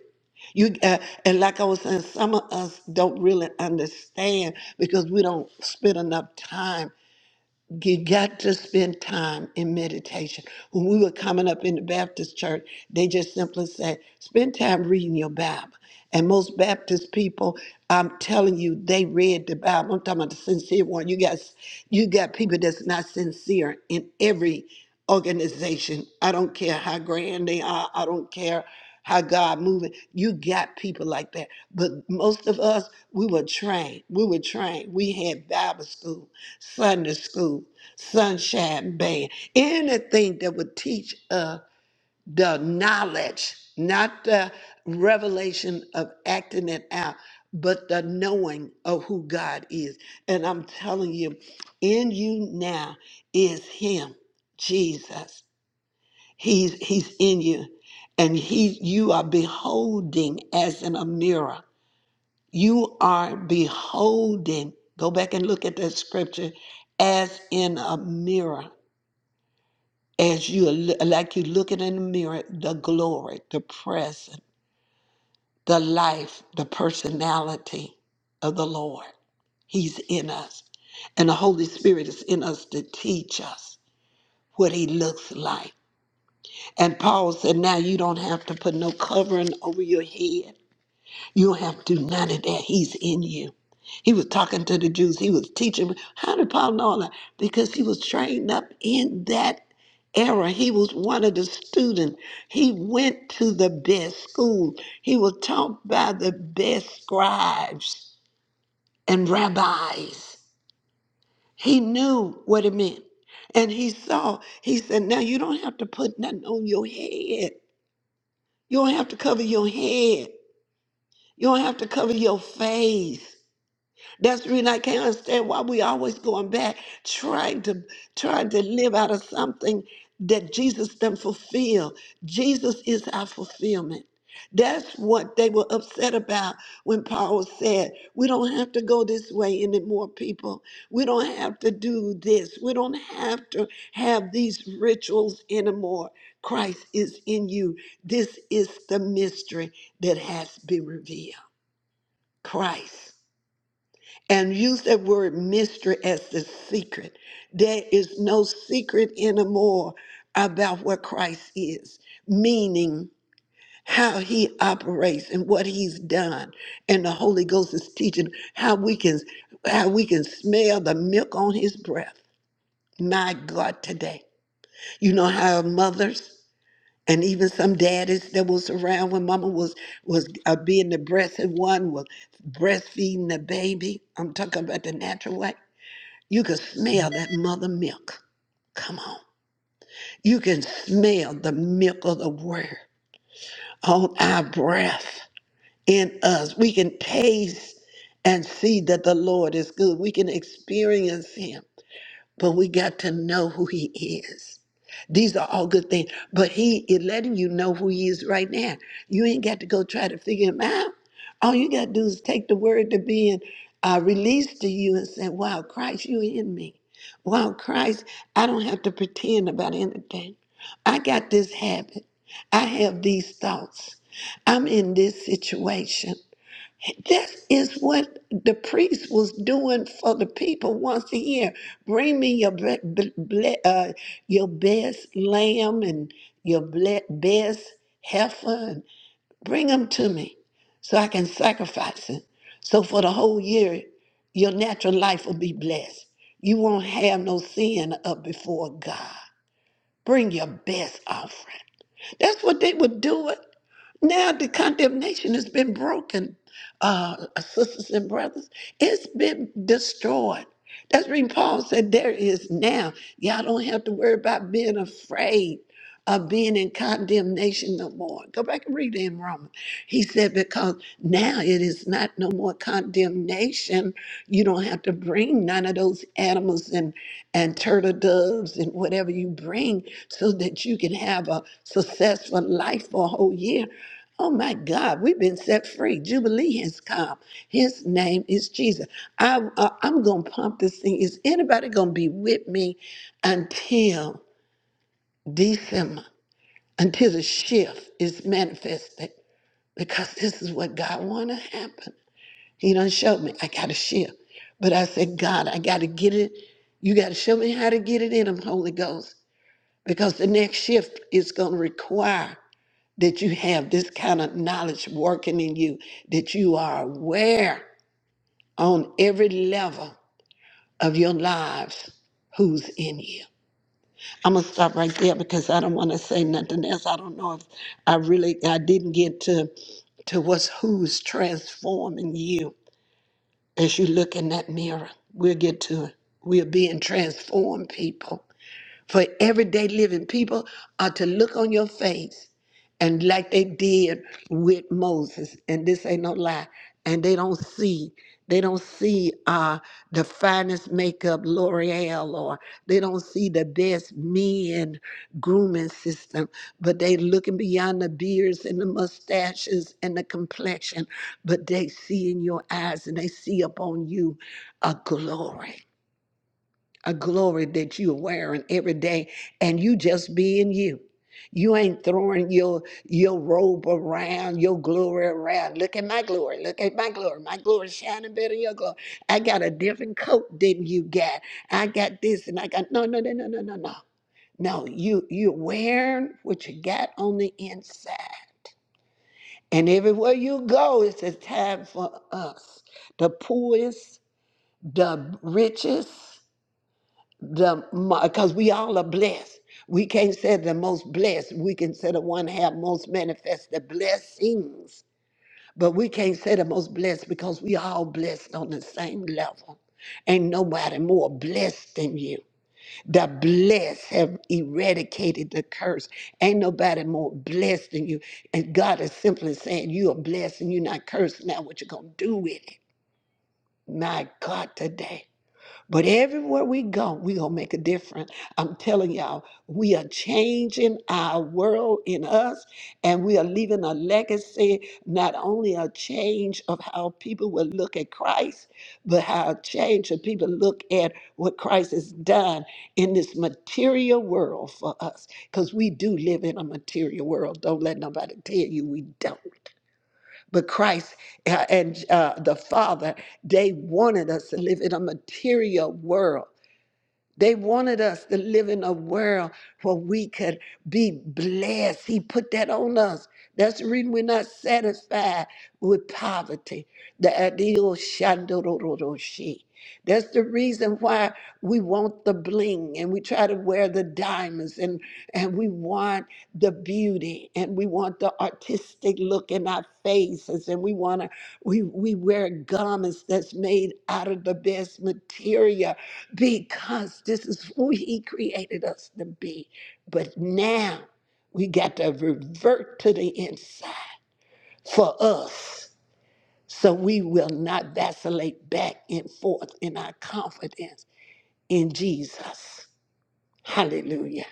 You uh, and like I was saying, some of us don't really understand because we don't spend enough time you got to spend time in meditation. When we were coming up in the Baptist church, they just simply said, spend time reading your Bible. And most Baptist people, I'm telling you, they read the Bible. I'm talking about the sincere one. You got you got people that's not sincere in every organization. I don't care how grand they are, I don't care how God moving. You got people like that. But most of us, we were trained. We were trained. We had Bible school. Sunday school, sunshine band, anything that would teach uh, the knowledge, not the revelation of acting it out, but the knowing of who God is. And I'm telling you, in you now is Him, Jesus. He's He's in you, and He you are beholding as in a mirror you are beholding, go back and look at that scripture, as in a mirror, as you are like you looking in the mirror, the glory, the present, the life, the personality of the Lord. He's in us. And the Holy Spirit is in us to teach us what he looks like. And Paul said, Now you don't have to put no covering over your head. You don't have to do none of that. He's in you. He was talking to the Jews. He was teaching how did Paul know all that because he was trained up in that era. He was one of the students. He went to the best school. He was taught by the best scribes and rabbis. He knew what it meant. And he saw, he said, now you don't have to put nothing on your head. You don't have to cover your head. You don't have to cover your face. That's the reason I can't understand why we always going back, trying to trying to live out of something that Jesus done fulfill. Jesus is our fulfillment. That's what they were upset about when Paul said, We don't have to go this way anymore, people. We don't have to do this. We don't have to have these rituals anymore. Christ is in you. This is the mystery that has been revealed. Christ and use that word mystery as the secret. There is no secret anymore about what Christ is, meaning how he operates and what he's done. And the Holy Ghost is teaching how we can how we can smell the milk on his breath. My God, today. You know how mothers and even some daddies that was around when mama was was uh, being the breast and one was breastfeeding the baby. I'm talking about the natural way you can smell that mother milk. Come on. You can smell the milk of the word on our breath in us. We can taste and see that the Lord is good. We can experience Him but we got to know who he is. These are all good things, but he is letting you know who he is right now. You ain't got to go try to figure him out. All you got to do is take the word to being uh, released to you and say, Wow, Christ, you in me. Wow, Christ, I don't have to pretend about anything. I got this habit. I have these thoughts. I'm in this situation. This is what the priest was doing for the people once a year. Bring me your ble- ble- ble- uh, your best lamb and your ble- best heifer, and bring them to me, so I can sacrifice it. So for the whole year, your natural life will be blessed. You won't have no sin up before God. Bring your best offering. That's what they were doing. Now the condemnation has been broken, uh, uh, sisters and brothers. It's been destroyed. That's when Paul said, There is now. Y'all don't have to worry about being afraid of being in condemnation no more. Go back and read it in Romans. He said, Because now it is not no more condemnation. You don't have to bring none of those animals in and turtle doves and whatever you bring so that you can have a successful life for a whole year. Oh my God, we've been set free. Jubilee has come. His name is Jesus. I, I, I'm going to pump this thing. Is anybody going to be with me until December, until the shift is manifested? Because this is what God want to happen. He done showed me I gotta shift. But I said, God, I gotta get it. You gotta show me how to get it in him, Holy Ghost. Because the next shift is gonna require that you have this kind of knowledge working in you, that you are aware on every level of your lives who's in you. I'm gonna stop right there because I don't wanna say nothing else. I don't know if I really I didn't get to to what's who's transforming you As you look in that mirror, we'll get to it. We're being transformed people. For everyday living people are to look on your face and like they did with Moses, and this ain't no lie, and they don't see. They don't see uh, the finest makeup, L'Oreal, or they don't see the best men grooming system, but they looking beyond the beards and the mustaches and the complexion, but they see in your eyes and they see upon you a glory a glory that you're wearing every day and you just being you. You ain't throwing your your robe around, your glory around. Look at my glory. Look at my glory. My glory is shining better than your glory. I got a different coat than you got. I got this and I got no no no no no no no. No, you you're wearing what you got on the inside. And everywhere you go, it's a time for us. The poorest, the richest, the because we all are blessed. We can't say the most blessed. We can say the one have most manifest the blessings, but we can't say the most blessed because we all blessed on the same level. Ain't nobody more blessed than you. The blessed have eradicated the curse. Ain't nobody more blessed than you. And God is simply saying, You are blessed and you're not cursed. Now, what you gonna do with it? My God, today. But everywhere we go, we gonna make a difference. I'm telling y'all, we are changing our world in us, and we are leaving a legacy, not only a change of how people will look at Christ, but how a change of people look at what Christ has done in this material world for us. Because we do live in a material world. Don't let nobody tell you we don't. But Christ uh, and uh, the Father, they wanted us to live in a material world they wanted us to live in a world where we could be blessed. He put that on us. That's the reason we're not satisfied with poverty. The ideal shandororoshi. That's the reason why we want the bling and we try to wear the diamonds and, and we want the beauty and we want the artistic look in our faces and we want to we, we wear garments that's made out of the best material because this is who he created us to be. But now we got to revert to the inside for us so we will not vacillate back and forth in our confidence in Jesus. Hallelujah.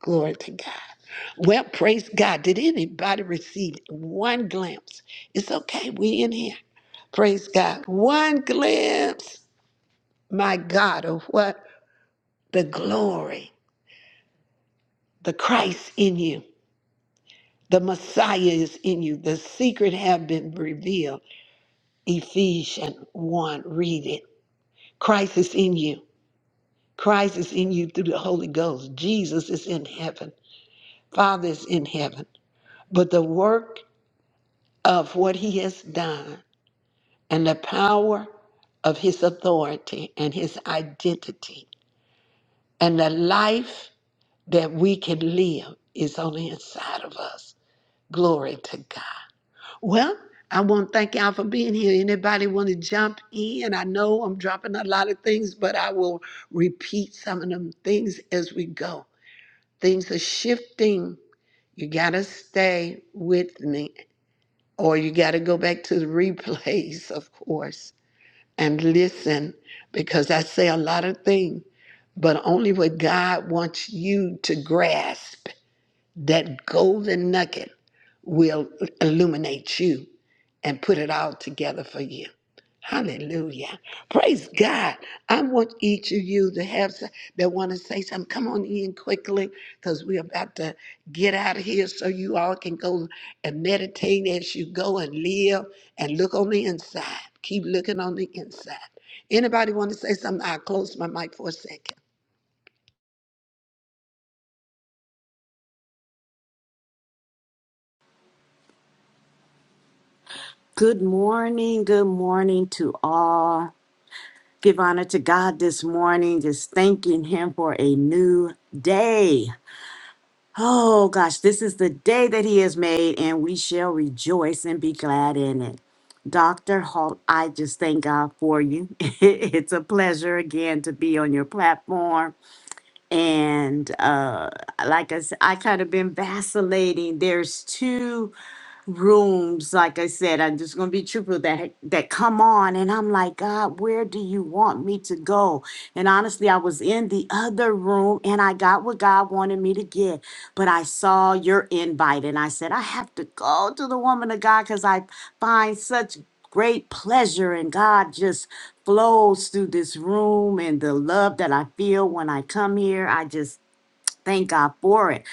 Glory to God. Well, praise God. Did anybody receive one glimpse? It's okay. We in here. Praise God. One glimpse, my God, of what? The glory. the Christ in you, the Messiah is in you. The secret have been revealed. Ephesians 1, read it. Christ is in you. Christ is in you through the Holy Ghost. Jesus is in heaven. Father is in heaven. But the work of what he has done and the power of his authority and his identity and the life that we can live is on the inside of us. Glory to God. Well, I want to thank y'all for being here. Anybody want to jump in? I know I'm dropping a lot of things, but I will repeat some of them things as we go. Things are shifting. You got to stay with me, or you got to go back to the replays, of course, and listen because I say a lot of things, but only what God wants you to grasp. That golden nugget will illuminate you and put it all together for you. Hallelujah. Praise God. I want each of you to have s- that want to say something. Come on in quickly because we're about to get out of here so you all can go and meditate as you go and live and look on the inside. Keep looking on the inside. Anybody want to say something? I'll close my mic for a second. Good morning. Good morning to all. Give honor to God this morning, just thanking Him for a new day. Oh gosh, this is the day that He has made, and we shall rejoice and be glad in it. Dr. Holt, I just thank God for you. it's a pleasure again to be on your platform. And uh, like I said, I kind of been vacillating. There's two rooms, like I said, I'm just gonna be truthful that that come on, and I'm like, God, where do you want me to go? And honestly, I was in the other room and I got what God wanted me to get, but I saw your invite and I said, I have to go to the woman of God because I find such great pleasure and God just flows through this room and the love that I feel when I come here. I just thank God for it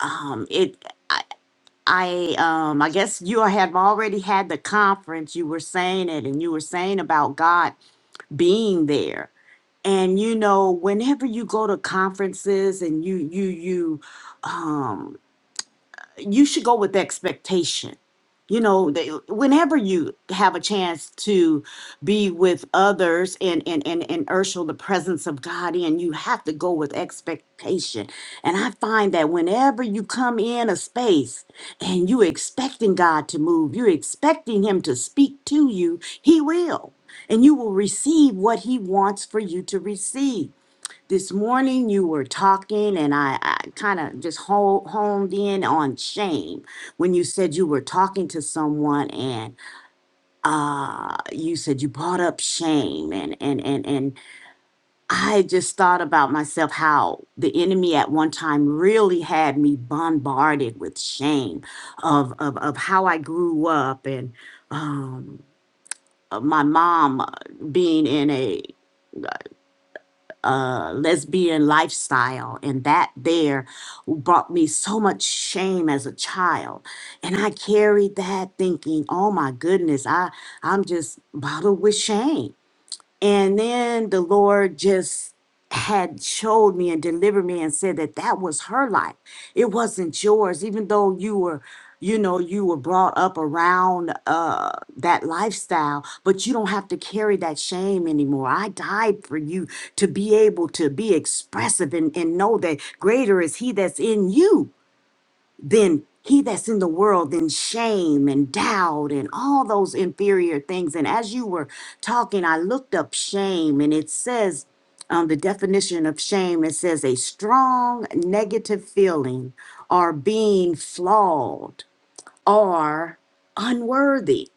um it I um I guess you have already had the conference. You were saying it and you were saying about God being there. And you know, whenever you go to conferences and you you you um, you should go with expectation. You know, they, whenever you have a chance to be with others and and and and ursel the presence of God in, you have to go with expectation. And I find that whenever you come in a space and you expecting God to move, you're expecting Him to speak to you, He will, and you will receive what He wants for you to receive. This morning you were talking, and I, I kind of just ho- honed in on shame when you said you were talking to someone, and uh, you said you brought up shame, and and and and I just thought about myself how the enemy at one time really had me bombarded with shame of of of how I grew up and um, of my mom uh, being in a uh, lesbian lifestyle, and that there brought me so much shame as a child, and I carried that thinking, "Oh my goodness, I I'm just bottled with shame." And then the Lord just had showed me and delivered me and said that that was her life. It wasn't yours, even though you were, you know, you were brought up around uh, that lifestyle, but you don't have to carry that shame anymore. I died for you to be able to be expressive and, and know that greater is He that's in you then he that's in the world, then shame and doubt and all those inferior things. And as you were talking, I looked up shame and it says, um, the definition of shame, it says a strong negative feeling or being flawed or unworthy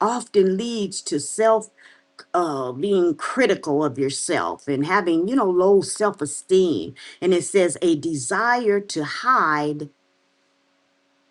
often leads to self uh, being critical of yourself and having you know low self-esteem and it says a desire to hide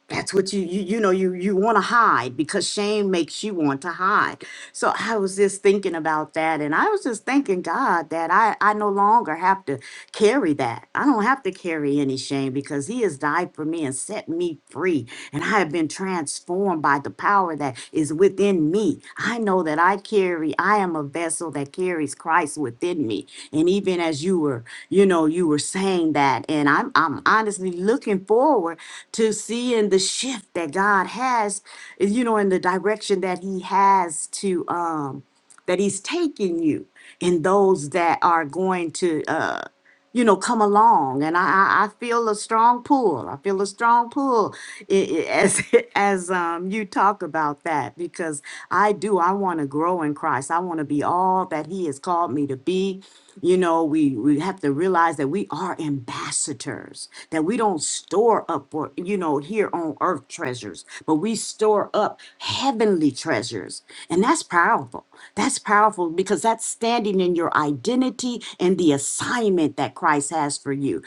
that's what you you, you know you you want to hide because shame makes you want to hide so i was just thinking about that and i was just thanking god that i i no longer have to carry that i don't have to carry any shame because he has died for me and set me free and i have been transformed by the power that is within me i know that I. I carry, I am a vessel that carries Christ within me. And even as you were, you know, you were saying that, and I'm I'm honestly looking forward to seeing the shift that God has, you know, in the direction that He has to um that He's taking you, and those that are going to. uh you know, come along. And I, I, I feel a strong pull. I feel a strong pull i- i- as as um, you talk about that because I do. I want to grow in Christ. I want to be all that He has called me to be. You know, we we have to realize that we are are ambassadors that we don't store up for you know here on earth treasures but we store up heavenly treasures and that's powerful that's powerful because that's standing in your identity and the assignment that christ has for you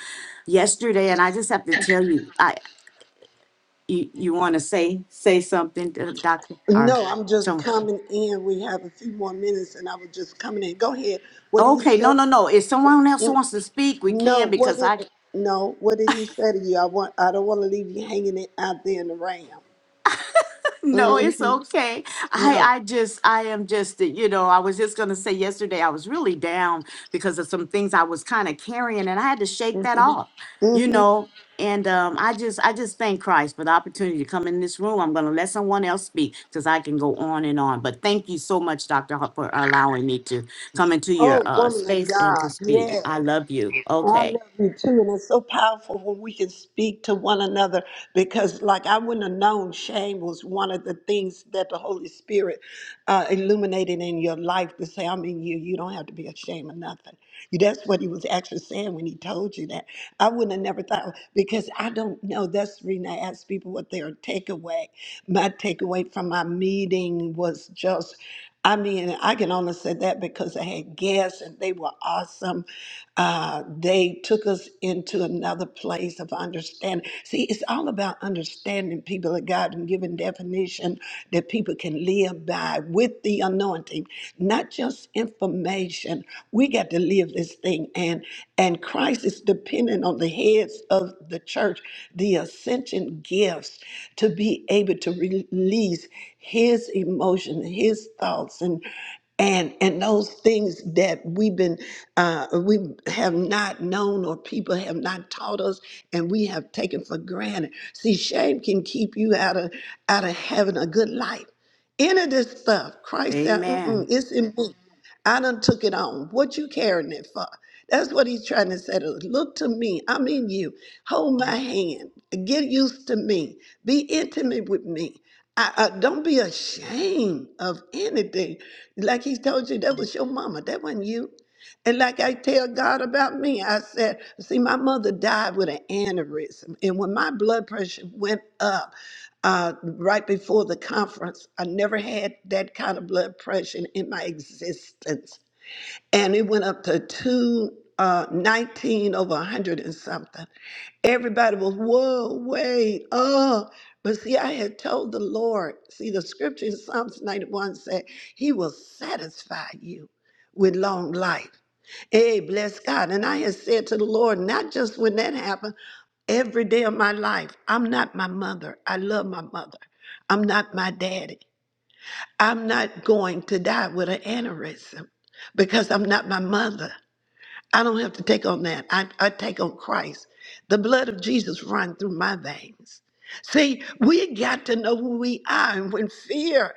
yesterday and i just have to tell you i you, you want to say say something to the doctor or No, I'm just so coming in. We have a few more minutes, and I was just coming in. Go ahead. What did he okay no tell? no no if someone else wants to speak we No, can what because i did no? What did he say to you? I want. I don't want to leave you hanging it out there in the ram. No, it's hmm okay. I No. I just I am just you know I was just gonna say yesterday I was really down because of some things I was kind of carrying and I had to shake that hmm off, you hmm know. And um, I just I just thank Christ for the opportunity to come in this room. I'm gonna let someone else speak because I can go on and on. But thank you so much, Doctor, Hart, for allowing me to come into your Oh, uh, woman of space and to God. Yes. speak. I love you. Oh, I Okay. love you too, and it's so powerful when we can speak to one another because, like, I wouldn't have known shame was one of the things that the Holy Spirit uh, illuminated in your life to say, I'm in you. You don't have to be ashamed of nothing. You, that's what he was actually saying when he told you that. I wouldn't have never thought because I don't know. That's the reason I ask people what their takeaway my takeaway from my meeting was just, I mean, I can only say that because I had guests and they were awesome. Uh, they took us into another place of understanding. See, it's all about understanding people of God and giving definition that people can live by with the anointing, not just information. We got to live of this thing and and Christ is dependent on the heads of the church, the ascension gifts to be able to release his emotion, his thoughts and and and those things that we've been uh, we have not known or people have not taught us and we have taken for granted see shame can keep you out of out of having a good life any of this stuff christ said Mm-mm, Amen. it's in me I done took it on. What you carrying it for? That's what he's trying to say. to us. Look to me. I'm in you. Hold my hand. Get used to me. Be intimate with me. I, I, don't be ashamed of anything. Like he told you, that was your mama. That wasn't you. And like I tell God about me, I said, see, my mother died with an aneurysm. And when my blood pressure went up, uh, right before the conference. I never had that kind of blood pressure in my existence. And it went up to two, uh, 19 over 100 and something. Everybody was, whoa, wait, oh. But see, I had told the Lord, see, the scripture in Psalms 91 said, He will satisfy you with long life. Hey, bless God. And I had said to the Lord, not just when that happened, every day of my life. I'm not my mother. I love my mother. I'm not my daddy. I'm not going to die with an aneurysm because I'm not my mother. I don't have to take on that. I, I take on Christ. The blood of Jesus run through my veins. See, we got to know who we are. And when fear,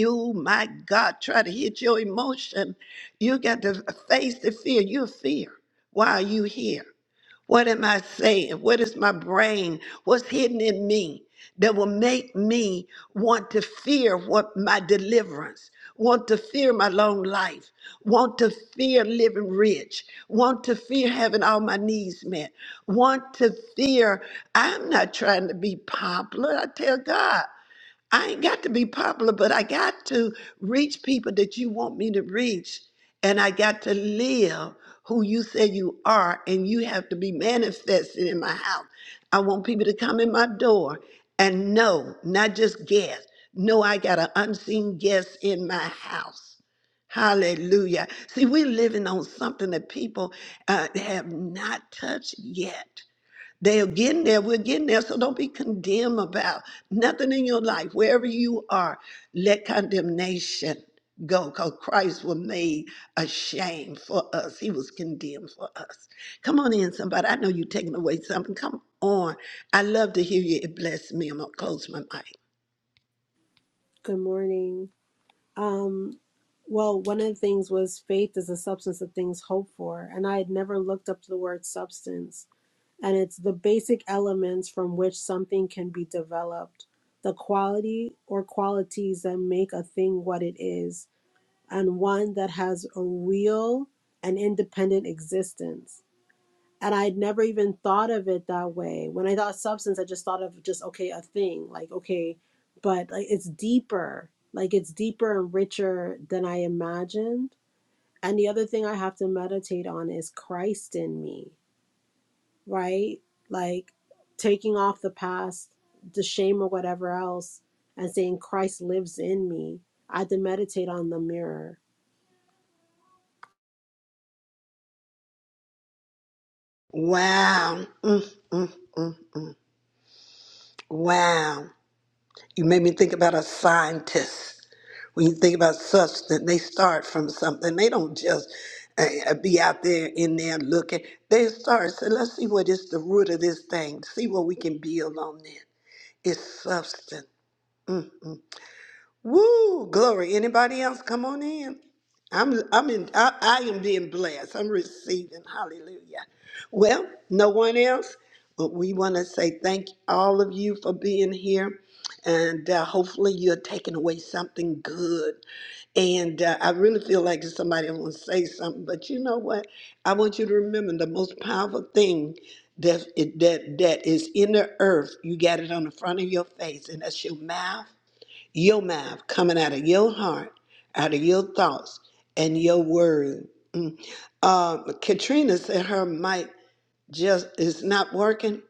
oh my God, try to hit your emotion, you got to face the fear. You're fear. Why are you here? What am I saying? What is my brain? What's hidden in me that will make me want to fear what my deliverance, want to fear my long life, want to fear living rich, want to fear having all my needs met, want to fear I'm not trying to be popular. I tell God. I ain't got to be popular, but I got to reach people that you want me to reach. And I got to live who you say you are, and you have to be manifested in my house. I want people to come in my door and know, not just guess, No, I got an unseen guest in my house. Hallelujah. See, we're living on something that people uh, have not touched yet. They're getting there. We're getting there. So don't be condemned about nothing in your life. Wherever you are, let condemnation go because Christ was made ashamed for us. He was condemned for us. Come on in, somebody. I know you're taking away something. Come on. I love to hear you. It blessed me. I'm going to close my mic. Good morning. Um, well, one of the things was faith is the substance of things hoped for, and I had never looked up the word substance. And it's the basic elements from which something can be developed, the quality or qualities that make a thing what it is, and one that has a real and independent existence. And I had never even thought of it that way. When I thought substance, I just thought of just, okay, a thing, like, okay, but like it's deeper, like it's deeper and richer than I imagined. And the other thing I have to meditate on is Christ in me, right? Like taking off the past, the shame or whatever else, and saying Christ lives in me. I had to meditate on the mirror. Wow. Mm, mm. Wow. You made me think about a scientist. When you think about substance, they start from something. They don't just uh, uh, be out there in there looking. They start, so let's see what is the root of this thing, see what we can build on it. It's substance. Woo! Glory. Anybody else? Come on in. I'm I'm in I, I am being blessed. I'm receiving. Hallelujah. Well, no one else. But we want to say thank all of you for being here. And uh, hopefully you're taking away something good. And uh, I really feel like there's somebody want to say something, but you know what? I want you to remember the most powerful thing that that that is in the earth. You got it on the front of your face, and that's your mouth your mouth coming out of your heart, out of your thoughts, and your word. Mm. Um, Katrina said her mic just is not working.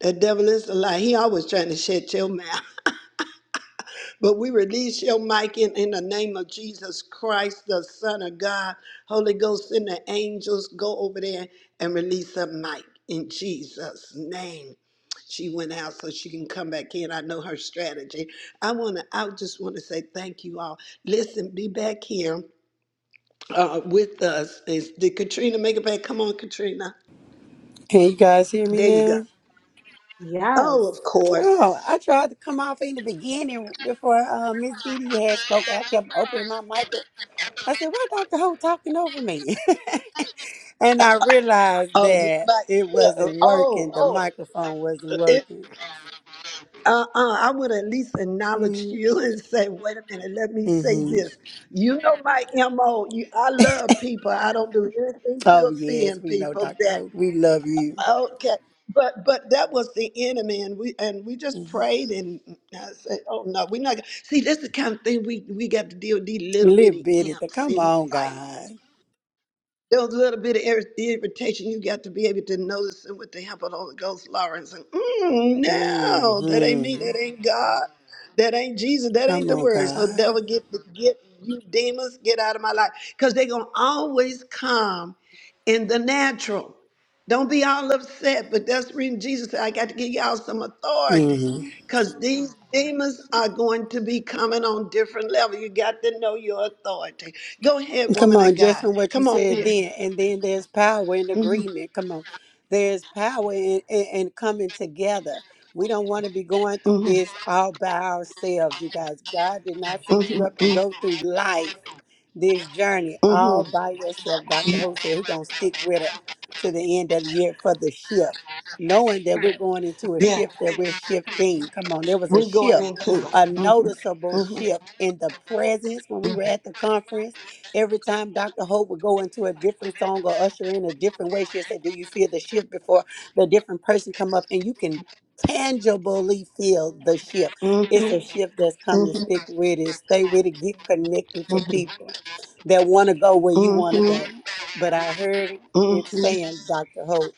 The devil is a lie. He always trying to shut your mouth. But we release your mic in, in the name of Jesus Christ, the Son of God. Holy Ghost and the angels go over there and release her mic in Jesus' name. She went out so she can come back in. I know her strategy. I want to. I just want to say thank you all. Listen, be back here uh, with us. Is, did Katrina make it back? Come on, Katrina. Can you guys hear me There you go. now? Yes. Oh, of Oh, course. I tried to come off in the beginning before uh, Miss Dee Dee had spoken. I kept opening my mic. I said, "Why Doctor Ho talking over me?" and I realized Oh, you that it like, wasn't working. The oh, microphone wasn't oh. working. uh-uh, I would at least acknowledge hmm you and say, wait a minute, let me say hmm this. You know my MO. You, I love people. I don't do anything Oh to yes, offend we know people Doctor that Ho. We love you. okay. But but that was the enemy and we and we just hmm prayed and I said, Oh no, we're not gonna see that's the kind of thing we, we got to deal with these little Little bitty bitty, th- imps come in on, life. God. Those little bit of ir- irritation, you got to be able to notice it with the help of the Holy Ghost, Lawrence. And, mm, no, that ain't me. hmm That ain't God. That ain't Jesus. That ain't Come the on, word. So God. devil, get get you demons, get out of my life, because they're gonna always come in the natural. Don't be all upset, but that's the reason Jesus said, I got to give y'all some authority. Mm-hmm. Because these demons are going to be coming on different level. You got to know your authority. Go ahead, Come woman of on, just God. from what you Come on, said Mia then, and then there's power in hmm agreement. Come on, there's power in, in, in coming together. We don't want to be going through hmm this all by ourselves, you guys. God did not set you hmm up to go through life, this journey, hmm hmm all by yourself. Dr. Ho said, who's going to stick with her to the end of the year for the shift? Knowing that we're going into a Yeah, shift that we're shifting. Come on, there was a we're going shift, into it. a hmm noticeable hmm shift in the presence when we were at the conference Every time Dr. Hope would go into a different song or usher in a different way, she'd say, Do you feel the shift before the different person come up? And you can tangibly feel the shift. hmm It's hmm a shift that's coming. hmm Stick with it. Stay with it. Get connected to people that want to go where you hmm want to go. But I heard it it saying, Dr. Hope,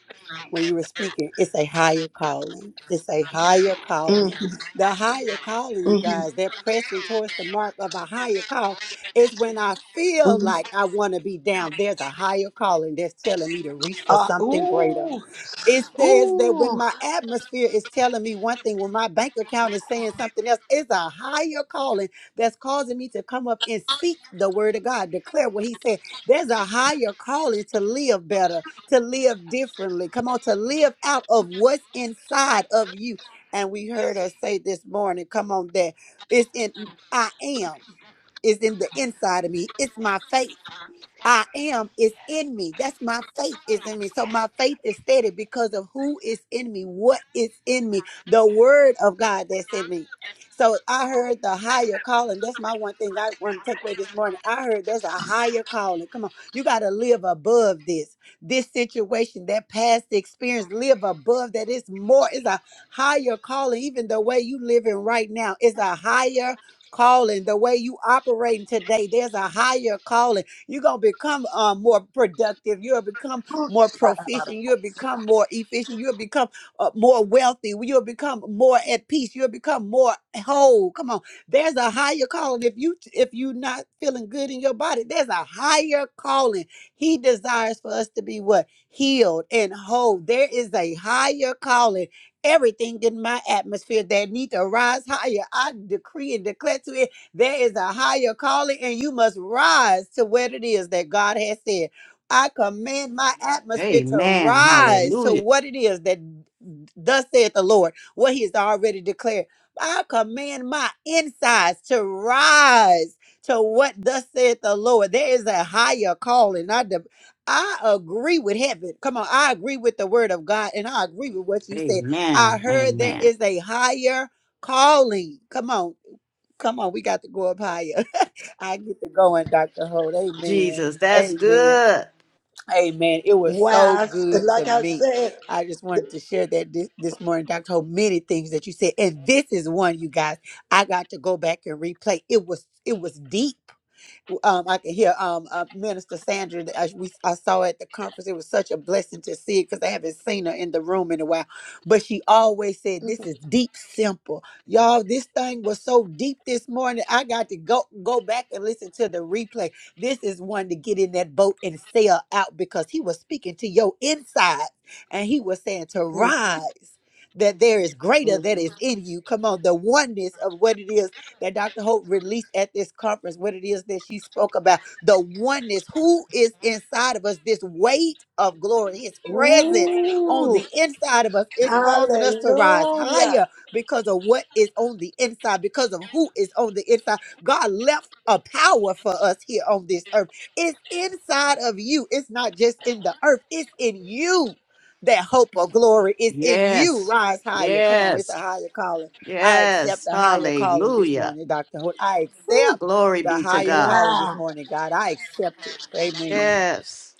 when you were speaking, it's a higher calling. It's a higher hmm calling the higher calling, you hmm guys. They're pressing towards the mark of a higher call it's when I feel hmm like I want to be down. There's a higher calling that's telling me to reach for Ah something greater. ooh, It ooh. says that when ooh, my atmosphere is telling me one thing, when my bank account is saying something else, it's a higher calling that's causing me to come up and speak the word of God, declare what He said. There's a higher calling to live better, to live differently. Come on, to live out of what's inside of you. And we heard her say this morning, come on, that it's in I am, it's in the inside of me, it's my faith. I am is in me. That's my faith is in me. So my faith is steady because of who is in me, what is in me, the word of God that's in me. So I heard the higher calling. That's my one thing I want to take away this morning. I heard there's a higher calling. Come on. You got to live above this, this situation, that past experience. Live above that. It's more, it's a higher calling. Even the way you living right now is a higher calling. The way you operating today, there's a higher calling you're going to become uh, more productive. You'll become ah, more ah, ah, ah. proficient. You'll become more efficient. You'll become uh, more wealthy. You'll become more at peace. You'll become more whole. Come on. There's a higher calling. If you if you're not feeling good in your body, there's a higher calling. He desires for us to be what? Healed and whole. There is a higher calling. Everything in my atmosphere that need to rise higher. I decree and declare to it there is a higher calling, and you must rise to what it is that God has said. I command my atmosphere to Amen. rise to Hallelujah. what it is that thus saith the Lord, what He has already declared. I command my insides to rise to what thus saith the Lord. There is a higher calling. I de- I agree with heaven. Come on, I agree with the word of God, and I agree with what you said. I Amen. heard there Amen. is a higher calling. Come on. Come on, we got to go up higher. I get to going, Dr. Holt. Amen. Jesus. That's Amen. good. Amen. It was so Wow, s- good to like I me. said. I just wanted the- to share that this, this morning, Dr. Holt, many things that you said. And this is one, you guys, I got to go back and replay. It was it was deep um, I can hear um, uh, Minister Sandra. that I, we, I saw at the conference. It was such a blessing to see it because I haven't seen her in the room in a while. But she always said, "This Mhm. is deep, simple, y'all. This thing was so deep this morning. I got to go go back and listen to the replay. This is one to get in that boat and sail out because he was speaking to your inside, and he was saying to Mhm. rise." That there is greater that is hmm in you. Come on, the oneness of what it is that Dr. Hope released at this conference, what it is that she spoke about the oneness, who is inside of us, this weight of glory, his presence on Ooh, the inside of us is causing us to rise hallelujah. higher because of what is on the inside, because of who is on the inside. God left a power for us here on this earth. It's inside of you. It's not just in the earth, it's in you. That hope of glory is in you. Yes. Rise higher. Come on, it's Yes. a higher calling I accept Yes. the higher calling this Hallelujah. morning, Dr. Hood. I Ooh, accept glory the be to higher God. calling this Wow. morning, God. I accept it. Amen. Yes.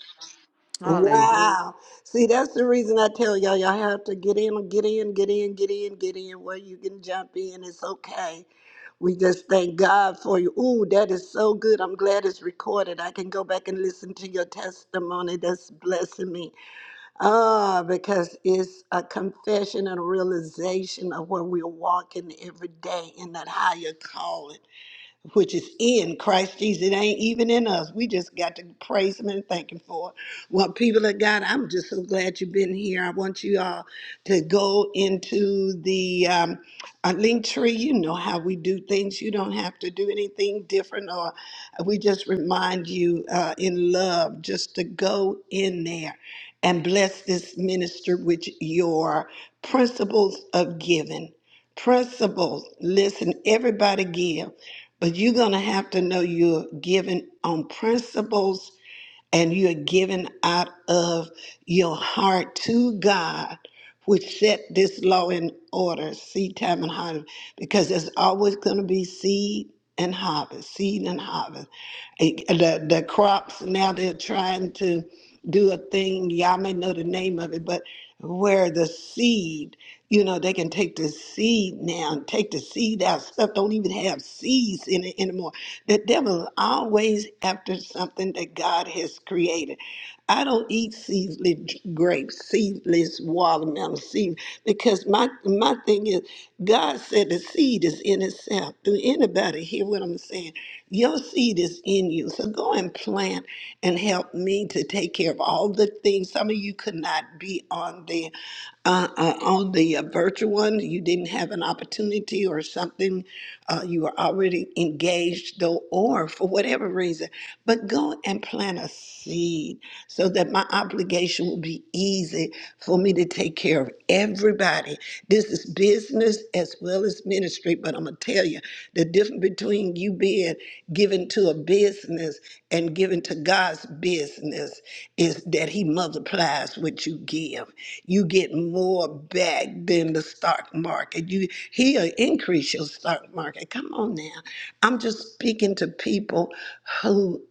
Hallelujah. Wow. See, that's the reason I tell y'all, y'all have to get in, get in, get in, get in, get in, where you can jump in. It's okay. We just thank God for you. Ooh, that is so good. I'm glad it's recorded. I can go back and listen to your testimony. That's blessing me. Ah, because it's a confession and a realization of where we're walking every day in that higher calling which is in Christ Jesus. It ain't even in us. We just got to praise Him and thank Him for it. Well, people of God, I'm just so glad you've been here. I want you all to go into the um, uh, link tree. You know how we do things. You don't have to do anything different, or we just remind you uh, in love just to go in there and bless this minister with your principles of giving. Principles. Listen, everybody give. But you're going to have to know you're giving on principles and you're giving out of your heart to God, which set this law in order. See, time and heart because there's always going to be seed and harvest, seed and harvest. And The, the crops now they're trying to do a thing. Y'all may know the name of it, but where the seed, you know, they can take the seed now and take the seed out. Stuff don't even have seeds in it anymore. The devil is always after something that God has created. I don't eat seedless grapes, seedless watermelon, seed because my my thing is God said the seed is in itself. Do anybody hear what I'm saying? Your seed is in you. So go and plant and help me to take care of all the things. Some of you could not be on the uh, uh, on the uh, virtual one, you didn't have an opportunity or something, uh, you were already engaged, though, or for whatever reason. But go and plant a seed so that my obligation will be easy for me to take care of everybody. This is business as well as ministry, but I'm going to tell you the difference between you being given to a business and given to God's business is that He multiplies what you give. You get more back than the stock market. You He'll increase your stock market. Come on now. I'm just speaking to people who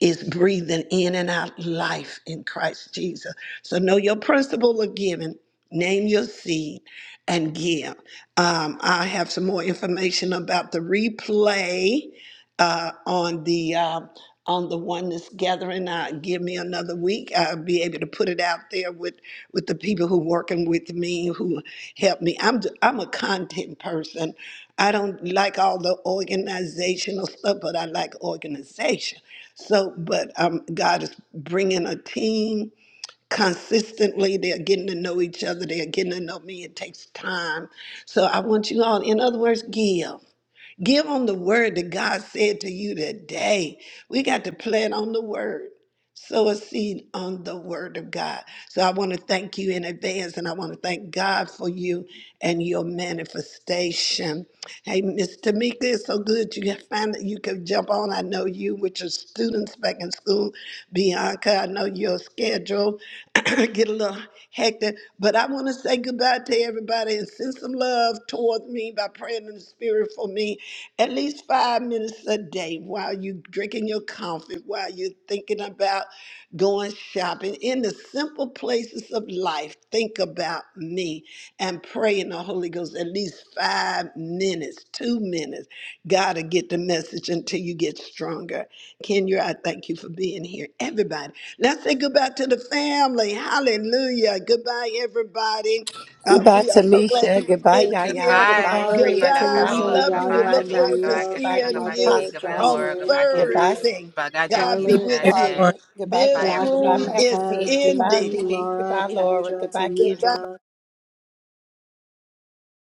is breathing in and out life in Christ Jesus. So know your principle of giving, name your seed, and give. Um, I have some more information about the replay uh, on the uh, on the oneness gathering. Uh, give me another week. I'll be able to put it out there with with the people who working with me who help me. I'm I'm a content person. I don't like all the organizational stuff, but I like organization. So, but um, God is bringing a team consistently. They're getting to know each other. They're getting to know me. It takes time. So I want you all, in other words, give. Give on the word that God said to you today. We got to plan on the word. Sow a seed on the word of God. So I want to thank you in advance and I want to thank God for you and your manifestation. Hey, Miss Tamika, it's so good you can find that you can jump on. I know you with your students back in school. Bianca, I know your schedule get a little hectic, but I want to say goodbye to everybody and send some love towards me by praying in the spirit for me at least five minutes a day while you're drinking your coffee, while you're thinking about going shopping. In the simple places of life, think about me and pray in the Holy Ghost at least five minutes, two minutes. God will get the message until you get stronger. Kenya, I thank you for being here. Everybody, let's say goodbye to the family. Hallelujah. Goodbye, everybody. Uh, Goodbye, we are so glad you Tamisha. were Goodbye, in Yaya. here. Goodbye, Goodbye. Goodbye, Goodbye, Maria. Dr. Goodbye. Goodbye, We Holt. Tanisha, love Mother. you. We Goodbye, Yaya, Goodbye, look Tamika. forward to Jocelyn. Goodbye, Maria, Goodbye, Katrina. seeing Goodbye, you Mother, Didi. Apostle Goodbye, Felice. on Laura. Jocelyn, Goodbye, Kendra. Goodbye, Felice, Thursday. Goodbye, God Jackie. be Charlotte, Goodbye, with you. Ted. Everyone, Charlotte. Goodbye, This Goodbye, Jackie. Goodbye, Jackie, room Pastor is Ted, T. Dee Goodbye, Dee, ending. DD. Laura, Goodbye, Laura. Kendra, Goodbye, Kendra. Goodbye. Tamika,